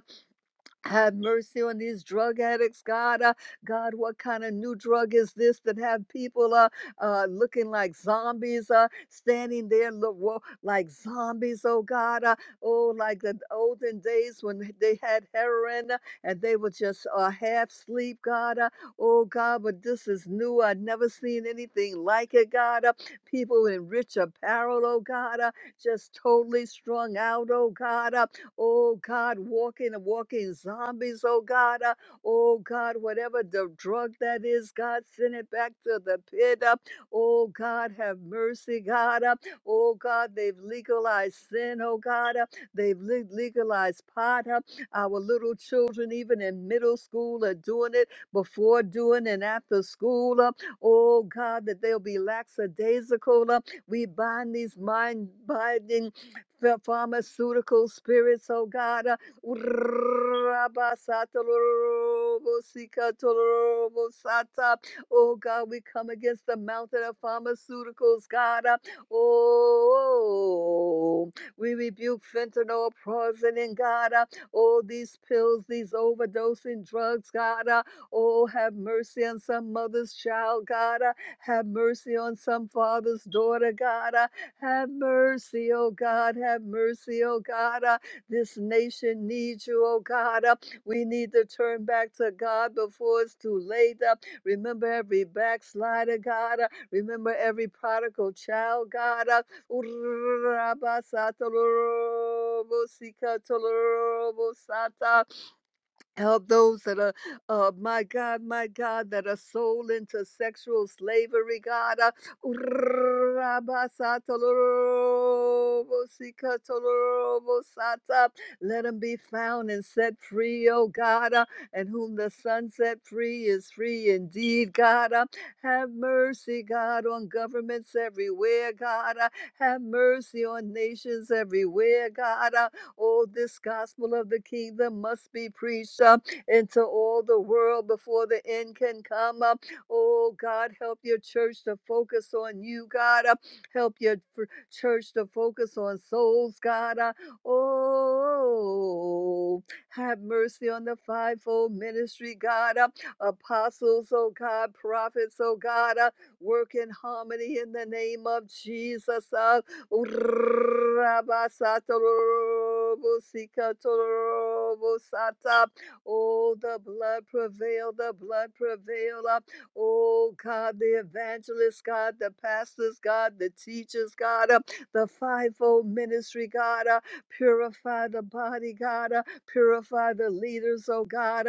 Speaker 2: have mercy on these drug addicts, God. Uh, God, what kind of new drug is this that have people uh, uh, looking like zombies, uh, standing there lo- wo- like zombies, oh God. Uh, oh, like the olden days when they had heroin uh, and they were just uh, half asleep, God. Uh, oh, God, but this is new. I've never seen anything like it, God. Uh, people in rich apparel, oh God, uh, just totally strung out, oh God. Uh, Oh God, walking and walking zombies, oh God. Uh, oh God, whatever the drug that is, God, send it back to the pit. Uh, oh God, have mercy, God. Uh, oh God, they've legalized sin, oh God. Uh, they've le- legalized pot. Uh, our little children, even in middle school, are doing it before, doing, and after school. Uh, oh God, that they'll be lackadaisical. Uh, we bind these mind binding ph- pharmaceutical spirits, oh God. uh, Rabasatolorobosikatolorobosata. Oh God, we come against the mountain of pharmaceuticals, God. uh, Oh, we rebuke fentanyl, poisoning, God. uh, Oh, these pills, these overdosing drugs, God. uh, Oh, have mercy on some mother's child, God. uh, Have mercy on some father's daughter, God. uh, have mercy, oh God. Have mercy, oh God. Uh, this nation needs you, oh God. Uh, we need to turn back to God before it's too late. Uh, remember every backslider, God. Uh, remember every prodigal child, God. Uh, Help those that are, uh, my God, my God, that are sold into sexual slavery, God. Uh, let them be found and set free, oh God. Uh, and whom the Son set free is free indeed, God. Uh, have mercy, God, on governments everywhere, God. Uh, have mercy on nations everywhere, God. Uh, Oh, this gospel of the kingdom must be preached uh, into all the world before the end can come. Uh, oh, God, help your church to focus on you, God. Uh, help your fr- church to focus on souls, God. Uh, oh, have mercy on the fivefold ministry, God. Uh, apostles, oh God, prophets, oh God, uh, work in harmony in the name of Jesus. Uh, Urabasatorobosikatorobosatab. Oh, the blood prevail, the blood prevail. uh, Oh, God, the evangelists, God, the pastors, God, the teachers, God, uh, the fivefold ministry, God, uh, purify the body, God, uh, purify the leaders, oh God.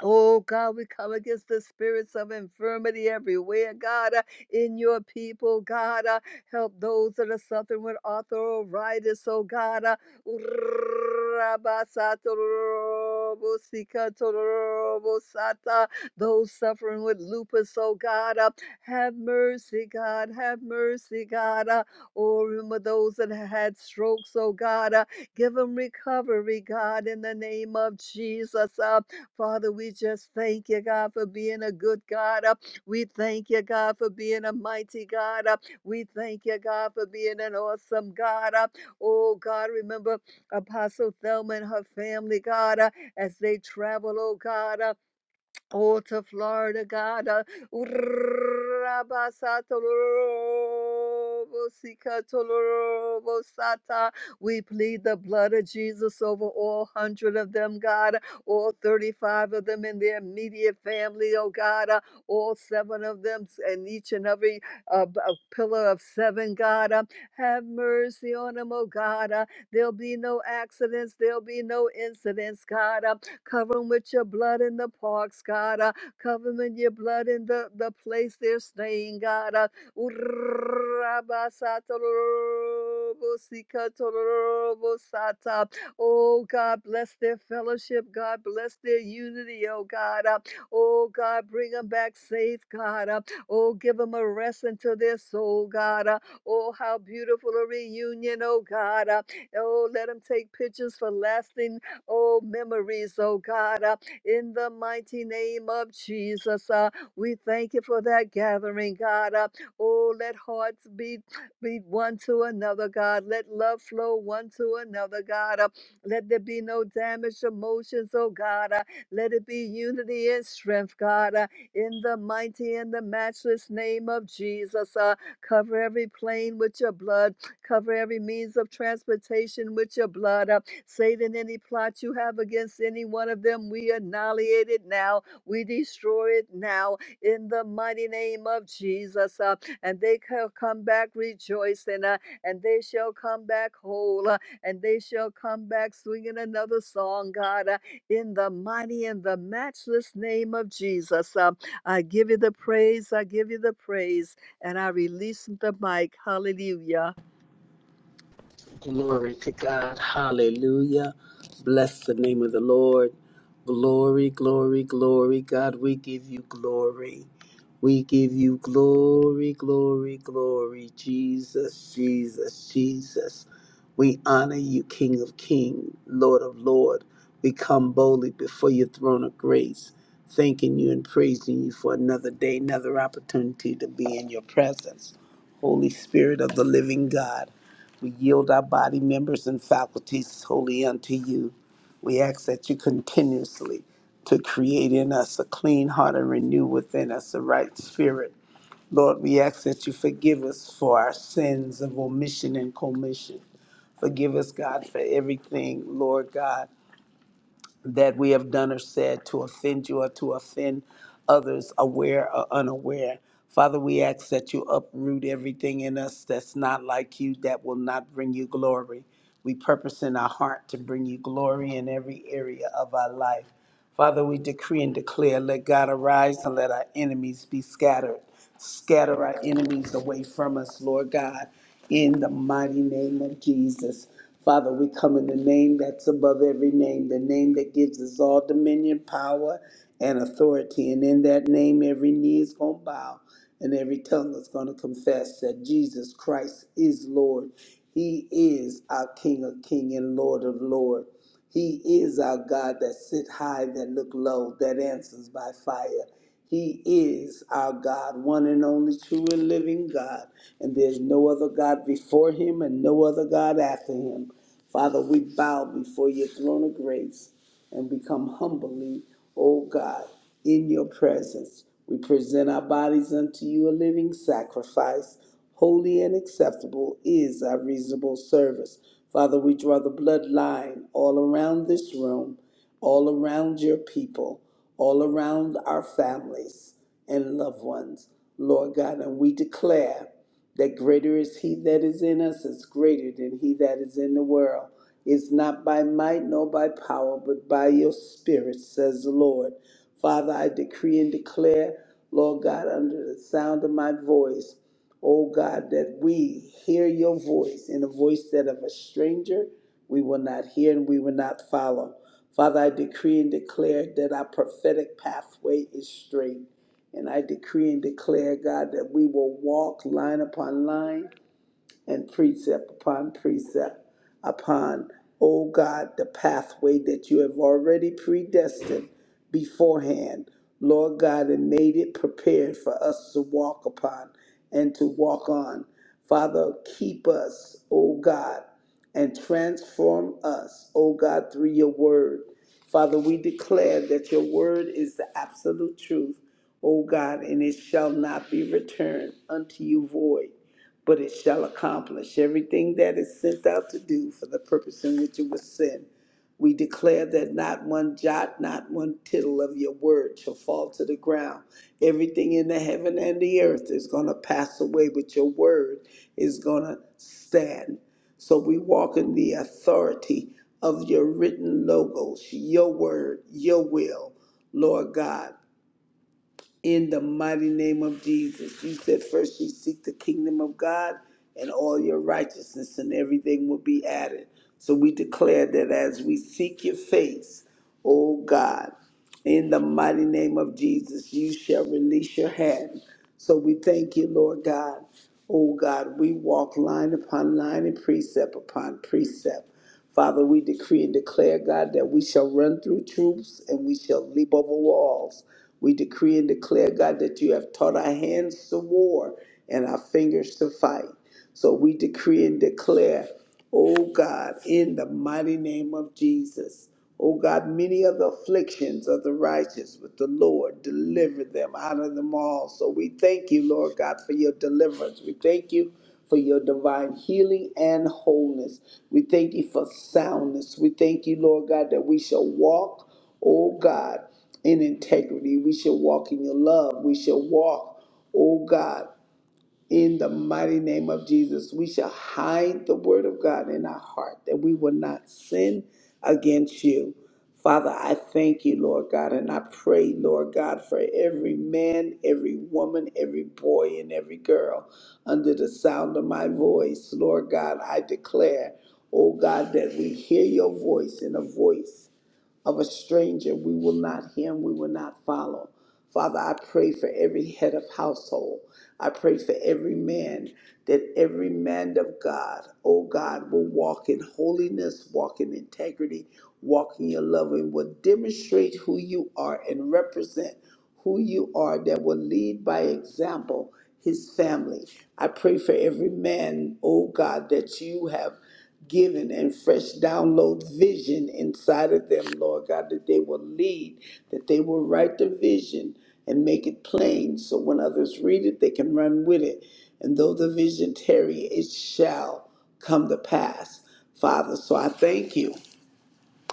Speaker 2: Oh God, we come against the spirits of infirmity everywhere, God, uh, in your people, God. uh, help those that are suffering with arthritis, oh God. Uh, those suffering with lupus, oh God. Uh, have mercy, God. Have mercy, God. Uh, oh, remember those that had strokes, oh God. Uh, give them recovery, God, in the name of Jesus. Uh, Father, we just thank you, God, for being a good God. Uh, We thank you, God, for being a mighty God. Uh, We thank you, God, for being an awesome God. Uh, Oh, God, remember Apostle Thelma and her family, God, uh, as they travel, oh, God. uh, Oh, to Florida, God. uh, ur We plead the blood of Jesus over all hundred of them, God. All 35 of them in their immediate family, oh God. uh, All seven of them and each and every uh, b- uh, pillar of seven, God. uh, Have mercy on them, oh God. uh, There'll be no accidents. There'll be no incidents, God. uh, Cover them with your blood in the parks, God. Uh, cover them in your blood in the, the place they're staying, God. Uh, Oh God, bless their fellowship. God, bless their unity. Oh God. Uh, Oh God, bring them back safe, God. Uh, Oh, give them a rest into their soul, God. Uh, Oh, how beautiful a reunion, oh God. Uh, Oh, let them take pictures for lasting Oh, memories, oh God, uh, in the mighty name of Jesus. Uh, we thank you for that gathering, God. Uh, oh, let hearts beat, beat one to another, God. Let love flow one to another, God. Uh, let there be no damaged emotions, oh God. Uh, let it be unity and strength, God. Uh, in the mighty and the matchless name of Jesus, uh, cover every plane with your blood. Cover every means of transportation with your blood. Uh, Satan, any plot you have against any one of them, we annihilate it now. We destroy it now in the mighty name of Jesus. uh, and they shall come back rejoicing, uh, and they shall come back whole, uh, and they shall come back swinging another song, God, uh, in the mighty and the matchless name of Jesus. Uh, I give you the praise. I give you the praise. And I release the mic. Hallelujah.
Speaker 3: Glory to God. Hallelujah. Bless the name of the Lord. Glory, glory, glory. God, we give you glory. We give you glory, glory, glory. Jesus, Jesus, Jesus. We honor you, King of King, Lord of Lord. We come boldly before your throne of grace, thanking you and praising you for another day, another opportunity to be in your presence. Holy Spirit of the living God. We yield our body members and faculties wholly unto you. We ask that you continuously to create in us a clean heart and renew within us a right spirit. Lord, we ask that you forgive us for our sins of omission and commission. Forgive us, God, for everything, Lord God, that we have done or said to offend you or to offend others, aware or unaware. Father, we ask that you uproot everything in us that's not like you, that will not bring you glory. We purpose in our heart to bring you glory in every area of our life. Father, we decree and declare, let God arise and let our enemies be scattered. Scatter our enemies away from us, Lord God, in the mighty name of Jesus. Father, we come in the name that's above every name, the name that gives us all dominion, power, and authority. And in that name, every knee is going to bow and every tongue is going to confess that Jesus Christ is Lord. He is our King of King and Lord of Lord. He is our God that sit high, that look low, that answers by fire. He is our God, one and only true and living God. And there's no other God before him and no other God after him. Father, we bow before your throne of grace and become humbly, O God, in your presence. We present our bodies unto you a living sacrifice, holy and acceptable is our reasonable service. Father, we draw the bloodline all around this room, all around your people, all around our families and loved ones, Lord God, and we declare that greater is he that is in us is greater than he that is in the world. It's not by might nor by power, but by your spirit, says the Lord. Father, I decree and declare, Lord God, under the sound of my voice, O God, that we hear your voice in a voice that of a stranger we will not hear and we will not follow. Father, I decree and declare that our prophetic pathway is straight. And I decree and declare, God, that we will walk line upon line and precept upon precept upon, O God, the pathway that you have already predestined beforehand, Lord God, and made it prepared for us to walk upon and to walk on. Father, keep us, O God, and transform us, O God, through your word. Father, we declare that your word is the absolute truth, O God, and it shall not be returned unto you void but it shall accomplish everything that is sent out to do for the purpose in which it was sent. We declare that not one jot, not one tittle of your word shall fall to the ground. Everything in the heaven and the earth is going to pass away, but your word is going to stand. So we walk in the authority of your written logos, your word, your will, Lord God in the mighty name of Jesus. You said first you seek the kingdom of God and all your righteousness and everything will be added. So we declare that as we seek your face, O God, in the mighty name of Jesus, you shall release your hand. So we thank you, Lord God. O God, we walk line upon line and precept upon precept. Father, we decree and declare, God, that we shall run through troops and we shall leap over walls. We decree and declare, God, that you have taught our hands to war and our fingers to fight. So we decree and declare, oh God, in the mighty name of Jesus. Oh God, many of the afflictions of the righteous, but the Lord delivered them out of them all. So we thank you, Lord God, for your deliverance. We thank you for your divine healing and wholeness. We thank you for soundness. We thank you, Lord God, that we shall walk, oh God, in integrity. We shall walk in your love. We shall walk, oh God. In the mighty name of Jesus, we shall hide the word of God in our heart that we will not sin against you. Father, I thank you, Lord God, and I pray, Lord God, for every man, every woman, every boy, and every girl under the sound of my voice. Lord God, I declare, oh God, that we hear your voice and a voice of a stranger we will not hear and we will not follow. Father, I pray for every head of household. I pray for every man that every man of God, oh God, will walk in holiness, walk in integrity, walk in your love, and will demonstrate who you are and represent who you are that will lead by example his family. I pray for every man, oh God, that you have giving and fresh download vision inside of them, Lord God, that they will lead, that they will write the vision and make it plain so when others read it, they can run with it. And though the vision tarry, it shall come to pass, Father. So I thank you.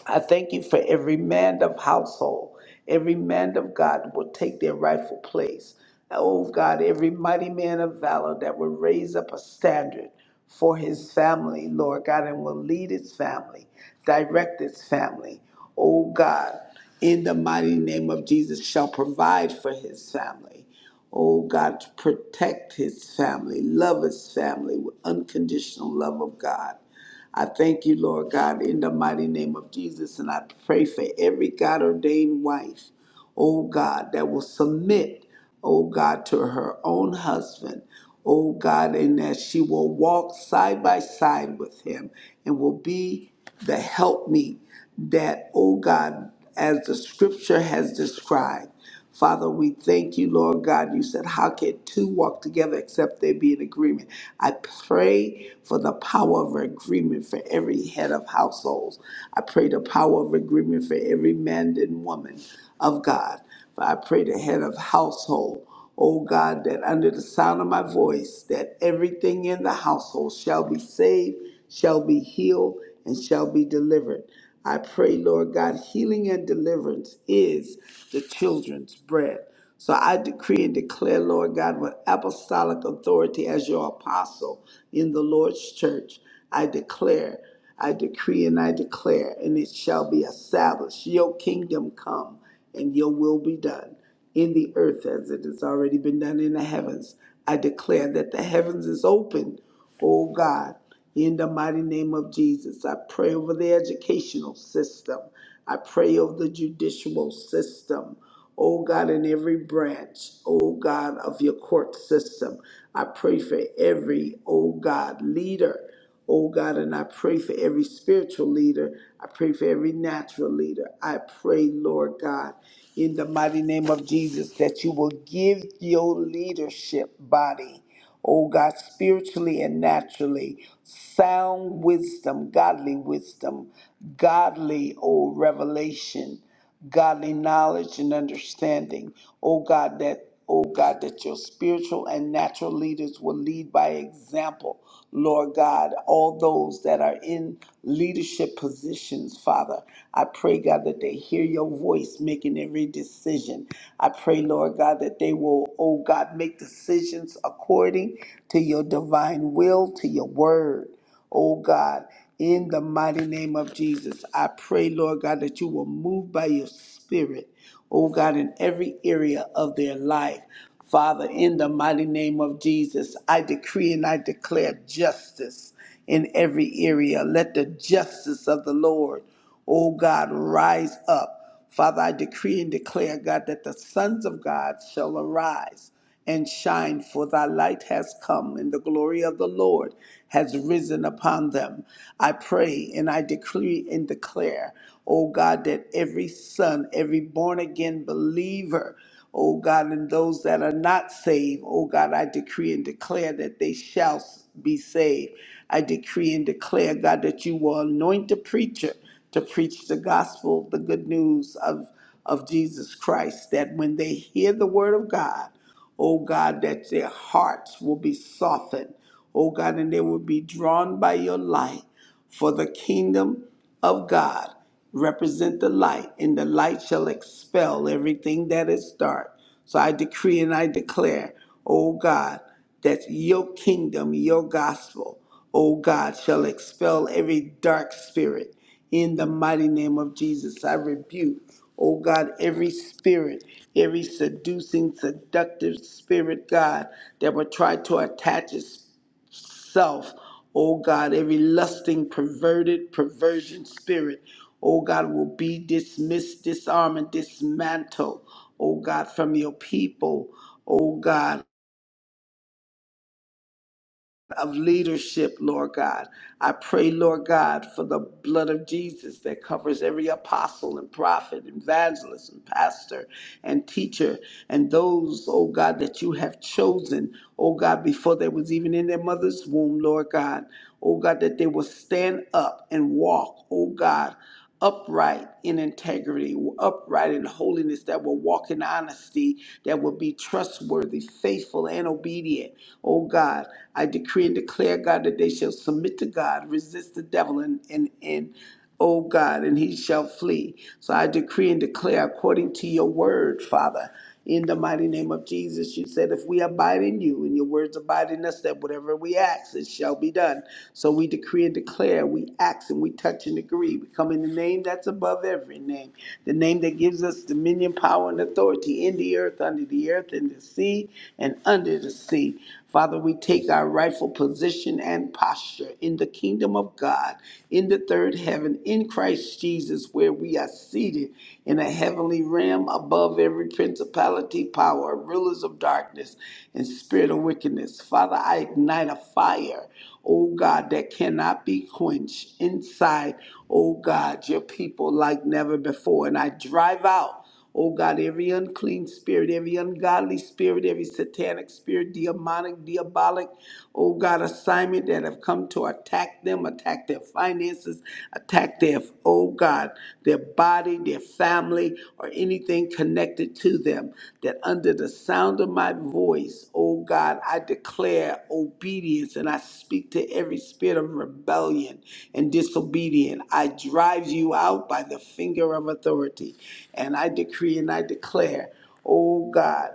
Speaker 3: I thank you for every man of household, every man of God will take their rightful place. Oh God, every mighty man of valor that will raise up a standard for his family, Lord God, and will lead his family, direct his family. Oh God, in the mighty name of Jesus, shall provide for his family. Oh God, protect his family, love his family with unconditional love of God. I thank you, Lord God, in the mighty name of Jesus. And I pray for every God ordained wife, oh God, that will submit oh God, to her own husband, oh God, and that she will walk side by side with him and will be the helpmeet that, oh God, as the scripture has described. Father, we thank you, Lord God. You said, How can two walk together except they be in agreement? I pray for the power of agreement for every head of households. I pray the power of agreement for every man and woman of God. For I pray the head of household, O God, that under the sound of my voice, that everything in the household shall be saved, shall be healed, and shall be delivered. I pray, Lord God, healing and deliverance is the children's bread. So I decree and declare, Lord God, with apostolic authority as your apostle in the Lord's church, I declare, I decree and I declare, and it shall be established. Your kingdom come and your will be done in the earth as it has already been done in the heavens. I declare that the heavens is open, oh God, in the mighty name of Jesus. I pray over the educational system. I pray over the judicial system. Oh God, in every branch, oh God, of your court system. I pray for every, oh God, leader. Oh God, and I pray for every spiritual leader. I pray for every natural leader. I pray, Lord God, in the mighty name of Jesus, that you will give your leadership body, oh God, spiritually and naturally, sound wisdom, godly wisdom, godly, oh, revelation, godly knowledge and understanding. Oh God, that, oh God, that your spiritual and natural leaders will lead by example. Lord God, all those that are in leadership positions, Father. I pray, God, that they hear your voice making every decision. I pray, Lord God, that they will, oh God, make decisions according to your divine will, to your word, oh God. In the mighty name of Jesus, I pray, Lord God, that you will move by your spirit oh God, in every area of their life. Father, in the mighty name of Jesus, I decree and I declare justice in every area. Let the justice of the Lord, oh God, rise up. Father, I decree and declare, God, that the sons of God shall arise and shine, for thy light has come, and the glory of the Lord has risen upon them. I pray and I decree and declare, O God, that every son, every born again believer, O God, and those that are not saved, O God, I decree and declare that they shall be saved. I decree and declare, God, that you will anoint the preacher to preach the gospel, the good news of, of Jesus Christ, that when they hear the word of God, oh God, that their hearts will be softened, oh God, and they will be drawn by your light. For the kingdom of God represent the light, and the light shall expel everything that is dark. So I decree and I declare, oh God, that your kingdom, your gospel, O God, shall expel every dark spirit in the mighty name of Jesus. I rebuke, O God, every spirit, every seducing, seductive spirit, God, that would try to attach itself, O God, every lusting, perverted, perversion spirit, O God, will be dismissed, disarmed, and dismantled, O God, from your people. O God, of leadership, Lord God. I pray, Lord God, for the blood of Jesus that covers every apostle and prophet, evangelist and pastor and teacher, and those, oh God, that you have chosen, oh God, before they was even in their mother's womb, Lord God. Oh God, that they will stand up and walk, oh God upright in integrity, upright in holiness, that will walk in honesty, that will be trustworthy, faithful, and obedient. Oh God, I decree and declare, God, that they shall submit to God, resist the devil, and, and, and O God, and he shall flee. So I decree and declare according to your word, Father, in the mighty name of Jesus. You said, if we abide in you and your words abide in us, that whatever we ask, it shall be done. So we decree and declare, we act and we touch and agree. We come in the name that's above every name, the name that gives us dominion, power, and authority in the earth, under the earth, in the sea, and under the sea. Father, we take our rightful position and posture in the kingdom of God, in the third heaven, in Christ Jesus, where we are seated in a heavenly realm above every principality, power, rulers of darkness, and spirit of wickedness. Father, I ignite a fire, oh God, that cannot be quenched inside, oh God, your people like never before. And I drive out. Oh God, every unclean spirit, every ungodly spirit, every satanic spirit, demonic, diabolic, oh God, assignment that have come to attack them, attack their finances, attack their, oh God, their body, their family, or anything connected to them them that under the sound of my voice, O God, I declare obedience and I speak to every spirit of rebellion and disobedience. I drive you out by the finger of authority. And I decree and I declare, O God,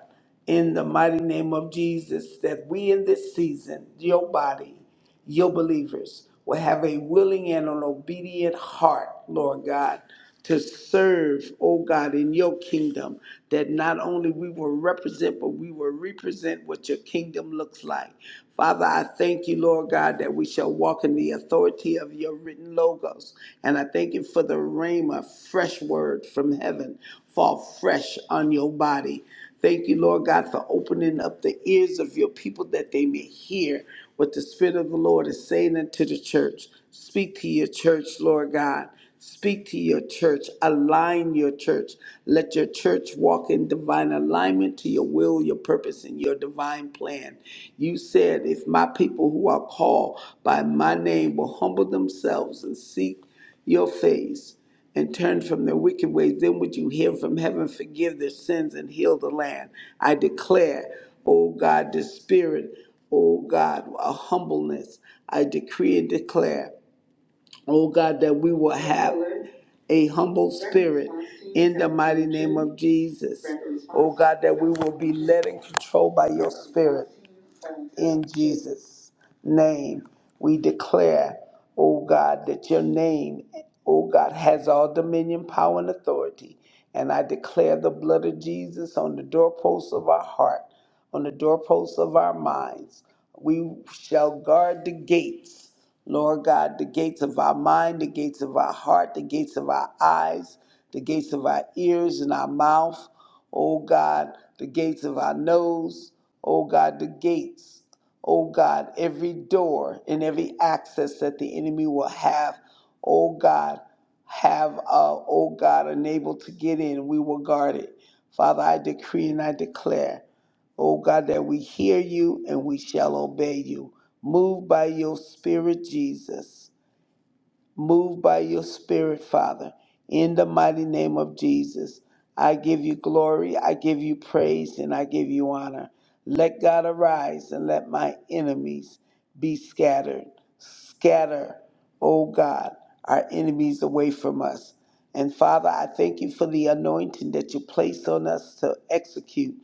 Speaker 3: in the mighty name of Jesus, that we in this season, your body, your believers will have a willing and an obedient heart, Lord God, to serve, oh God, in your kingdom, that not only we will represent, but we will represent what your kingdom looks like. Father, I thank you, Lord God, that we shall walk in the authority of your written logos. And I thank you for the rhema, fresh word from heaven, fall fresh on your body. Thank you, Lord God, for opening up the ears of your people that they may hear what the Spirit of the Lord is saying unto the church. Speak to your church, Lord God. Speak to your church. Align your church. Let your church walk in divine alignment to your will, your purpose, and your divine plan. You said, If my people who are called by my name will humble themselves and seek your face and turn from their wicked ways, then would you hear from heaven, forgive their sins, and heal the land. I declare, O God, the spirit, O God, a humbleness. I decree and declare. Oh God, that we will have a humble spirit in the mighty name of Jesus. Oh God, that we will be led and controlled by your spirit in Jesus' name. We declare, oh God, that your name, oh God, has all dominion, power, and authority. And I declare the blood of Jesus on the doorposts of our heart, on the doorposts of our minds. We shall guard the gates Lord God, the gates of our mind, the gates of our heart, the gates of our eyes, the gates of our ears and our mouth, oh God, the gates of our nose, oh God, the gates, oh God, every door and every access that the enemy will have, oh God, have, uh, oh God, unable to get in, we will guard it. Father, I decree and I declare. O God, that we hear you and we shall obey you. Move by your spirit, Jesus. Move by your spirit, Father, in the mighty name of Jesus. I give you glory, I give you praise, and I give you honor. Let God arise and let my enemies be scattered. Scatter, O God, our enemies away from us. And Father, I thank you for the anointing that you place on us to execute,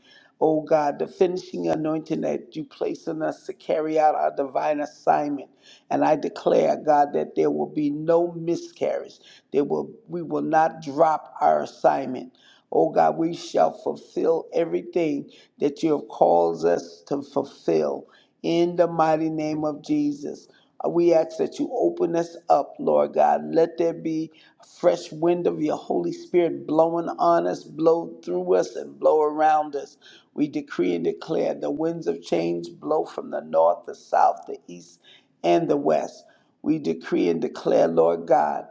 Speaker 3: O God, the finishing anointing that you place on us to carry out our divine assignment. And I declare, God, that there will be no miscarriage. There will, we will not drop our assignment. Oh God, we shall fulfill everything that you have called us to fulfill in the mighty name of Jesus. uh, We ask that you open us up, Lord God. Let there be a fresh wind of your Holy Spirit blowing on us, blow through us, and blow around us. We decree and declare the winds of change blow from the north, the south, the east, and the West. We decree and declare, Lord God,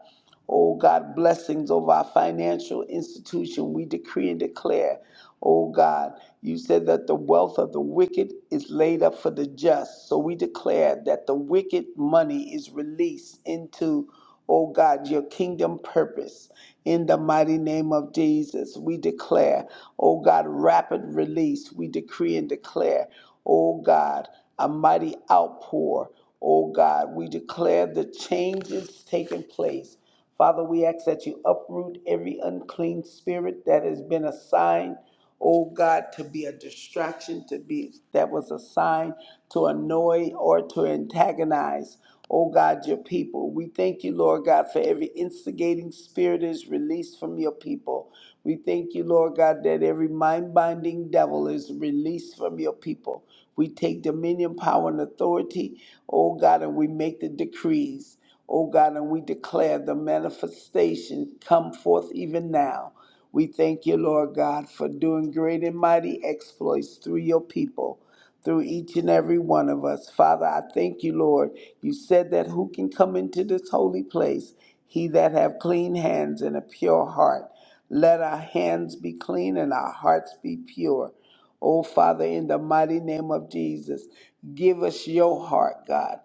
Speaker 3: oh God, blessings over our financial institution. We decree and declare, oh God, you said that the wealth of the wicked is laid up for the just. So we declare that the wicked money is released into, oh God, your kingdom purpose. In the mighty name of Jesus, we declare, oh God, rapid release. We decree and declare, oh God a mighty outpour. Oh God, we declare the changes taking place. Father, we ask that you uproot every unclean spirit that has been assigned, oh God, to be a distraction, to be that was assigned to annoy or to antagonize oh God, your people. We thank you, Lord God, for every instigating spirit that is released from your people. We thank you, Lord God, that every mind binding devil is released from your people. We take dominion, power, and authority, oh God, and we make the decrees, oh God, and we declare the manifestation come forth even now. We thank you, Lord God, for doing great and mighty exploits through your people through each and every one of us. Father, I thank you, Lord. You said that who can come into this holy place? He that have clean hands and a pure heart. Let our hands be clean and our hearts be pure. Oh, Father, in the mighty name of Jesus, give us your heart, God.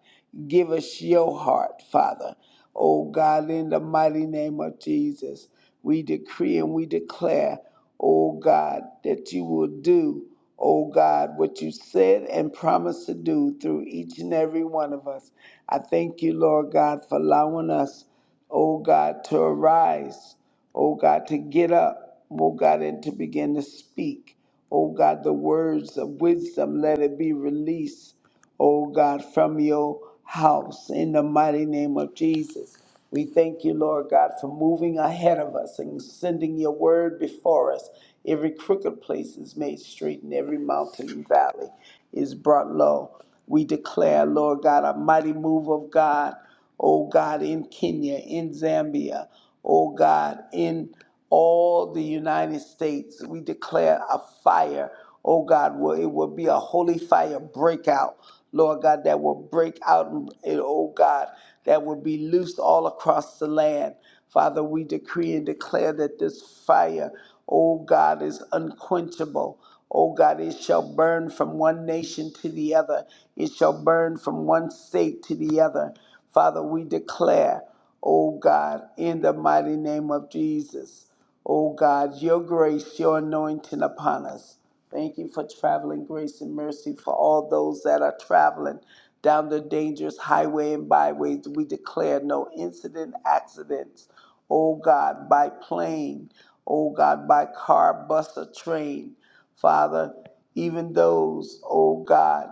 Speaker 3: Give us your heart, Father. Oh, God, in the mighty name of Jesus, we decree and we declare, oh, God, that you will do, oh, God, what you said and promised to do through each and every one of us. I thank you, Lord God, for allowing us, oh, God, to arise oh God, to get up, oh God, and to begin to speak. Oh God, the words of wisdom, let it be released, oh God, from your house in the mighty name of Jesus. We thank you, Lord God, for moving ahead of us and sending your word before us. Every crooked place is made straight and every mountain and valley is brought low. We declare, Lord God, a mighty move of God oh God, in Kenya, in Zambia, oh God, in all the United States. We declare a fire, oh God, where it will be a holy fire breakout, Lord God, that will break out, and and, oh God, that will be loosed all across the land. Father, we decree and declare that this fire, oh God, is unquenchable. Oh God, it shall burn from one nation to the other. It shall burn from one state to the other. Father, we declare, oh God, in the mighty name of Jesus, oh God, your grace, your anointing upon us. Thank you for traveling grace and mercy for all those that are traveling down the dangerous highway and byways. We declare no incident, accidents, oh God, by plane, oh God, by car, bus, or train. Father, even those, oh God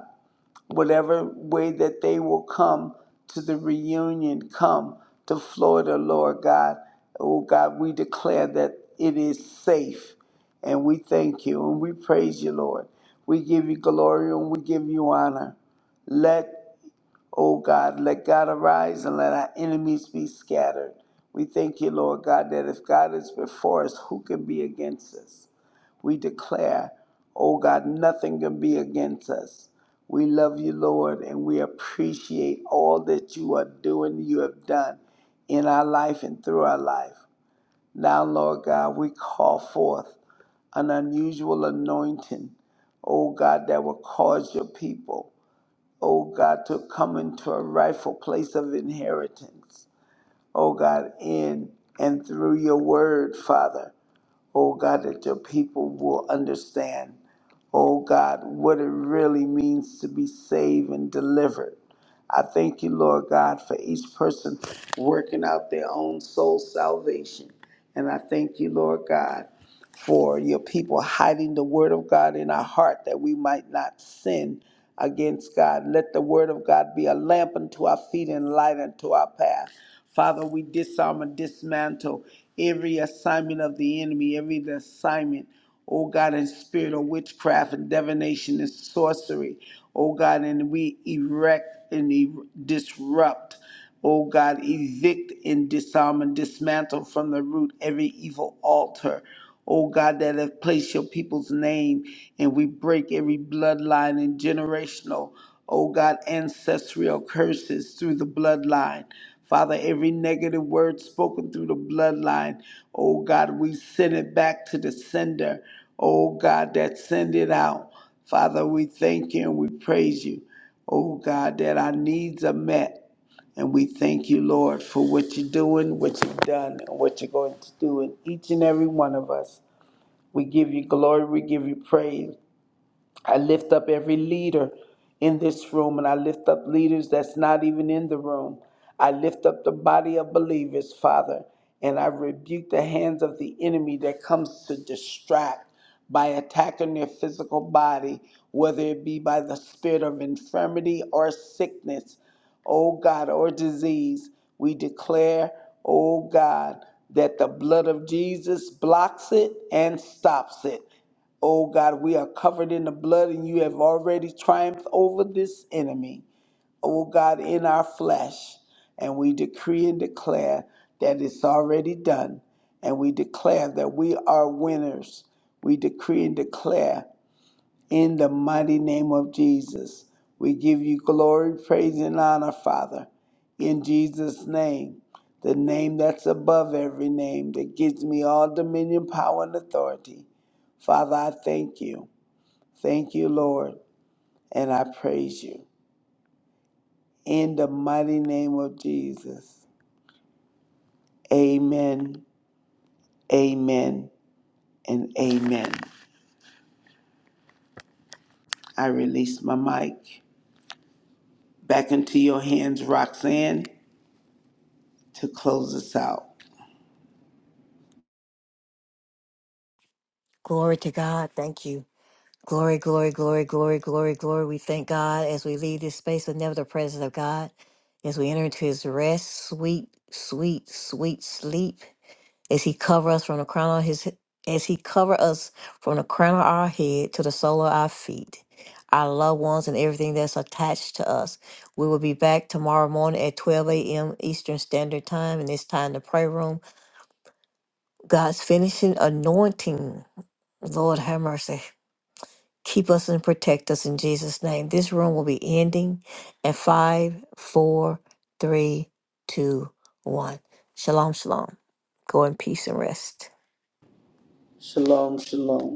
Speaker 3: whatever way that they will come to the reunion, come to Florida, Lord God. Oh God, we declare that it is safe. And we thank you and we praise you, Lord. We give you glory and we give you honor. Let O God, let God arise and let our enemies be scattered. We thank you, Lord God, that if God is before us, who can be against us? We declare, O God, nothing can be against us. We love you, Lord, and we appreciate all that you are doing, you have done in our life and through our life. Now, Lord God, we call forth an unusual anointing, O God, that will cause your people oh God, to come into a rightful place of inheritance, oh God, in and through your word, Father, oh God, that your people will understand, oh God, what it really means to be saved and delivered. I thank you, Lord God, for each person working out their own soul salvation. And I thank you, Lord God for your people hiding the word of God in our heart that we might not sin against God. Let the word of God be a lamp unto our feet and light unto our path. Father, we disarm and dismantle every assignment of the enemy, every assignment, oh God, in spirit of witchcraft and divination and sorcery, oh God, and we erect and e- disrupt. Oh God, evict and disarm and dismantle from the root every evil altar. Oh God, that have placed your people's name, and we break every bloodline and generational, oh God, ancestral curses through the bloodline. Father, every negative word spoken through the bloodline, oh God, we send it back to the sender. Oh God, that send it out. Father, we thank you and we praise you. Oh God, that our needs are met. And we thank you, Lord, for what you're doing, what you've done, and what you're going to do in each and every one of us. We give you glory, we give you praise, I lift up every leader in this room, and I lift up leaders that's not even in the room. I lift up the body of believers, Father, and I rebuke the hands of the enemy that comes to distract by attacking their physical body, whether it be by the spirit of infirmity or sickness, oh God, or disease. We declare, oh God, that the blood of Jesus blocks it and stops it. Oh God, we are covered in the blood and you have already triumphed over this enemy. O God, in our flesh, and we decree and declare that it's already done, and we declare that we are winners. We decree and declare in the mighty name of Jesus, we give you glory, praise, and honor, Father. In Jesus' name, the name that's above every name, that gives me all dominion, power, and authority. Father, I thank you. Thank you, Lord, and I praise you. In the mighty name of Jesus. Amen, amen, and amen. I release my mic back into your hands, Roxanne, to close us out.
Speaker 1: Glory to God. Thank you. Glory, glory, glory, glory, glory, glory. We thank God as we leave this space, but never the presence of God. As we enter into his rest, sweet, sweet, sweet sleep. As he cover us from the crown of his as he cover us from the crown of our head to the sole of our feet, our loved ones and everything that's attached to us. We will be back tomorrow morning at 12 a.m. Eastern Standard Time, and it's time to pray room. God's finishing anointing. Lord have mercy. Keep us and protect us in Jesus' name. This room will be ending at five, four, three, two, one. Shalom, shalom. Go in peace and rest.
Speaker 3: Shalom, shalom.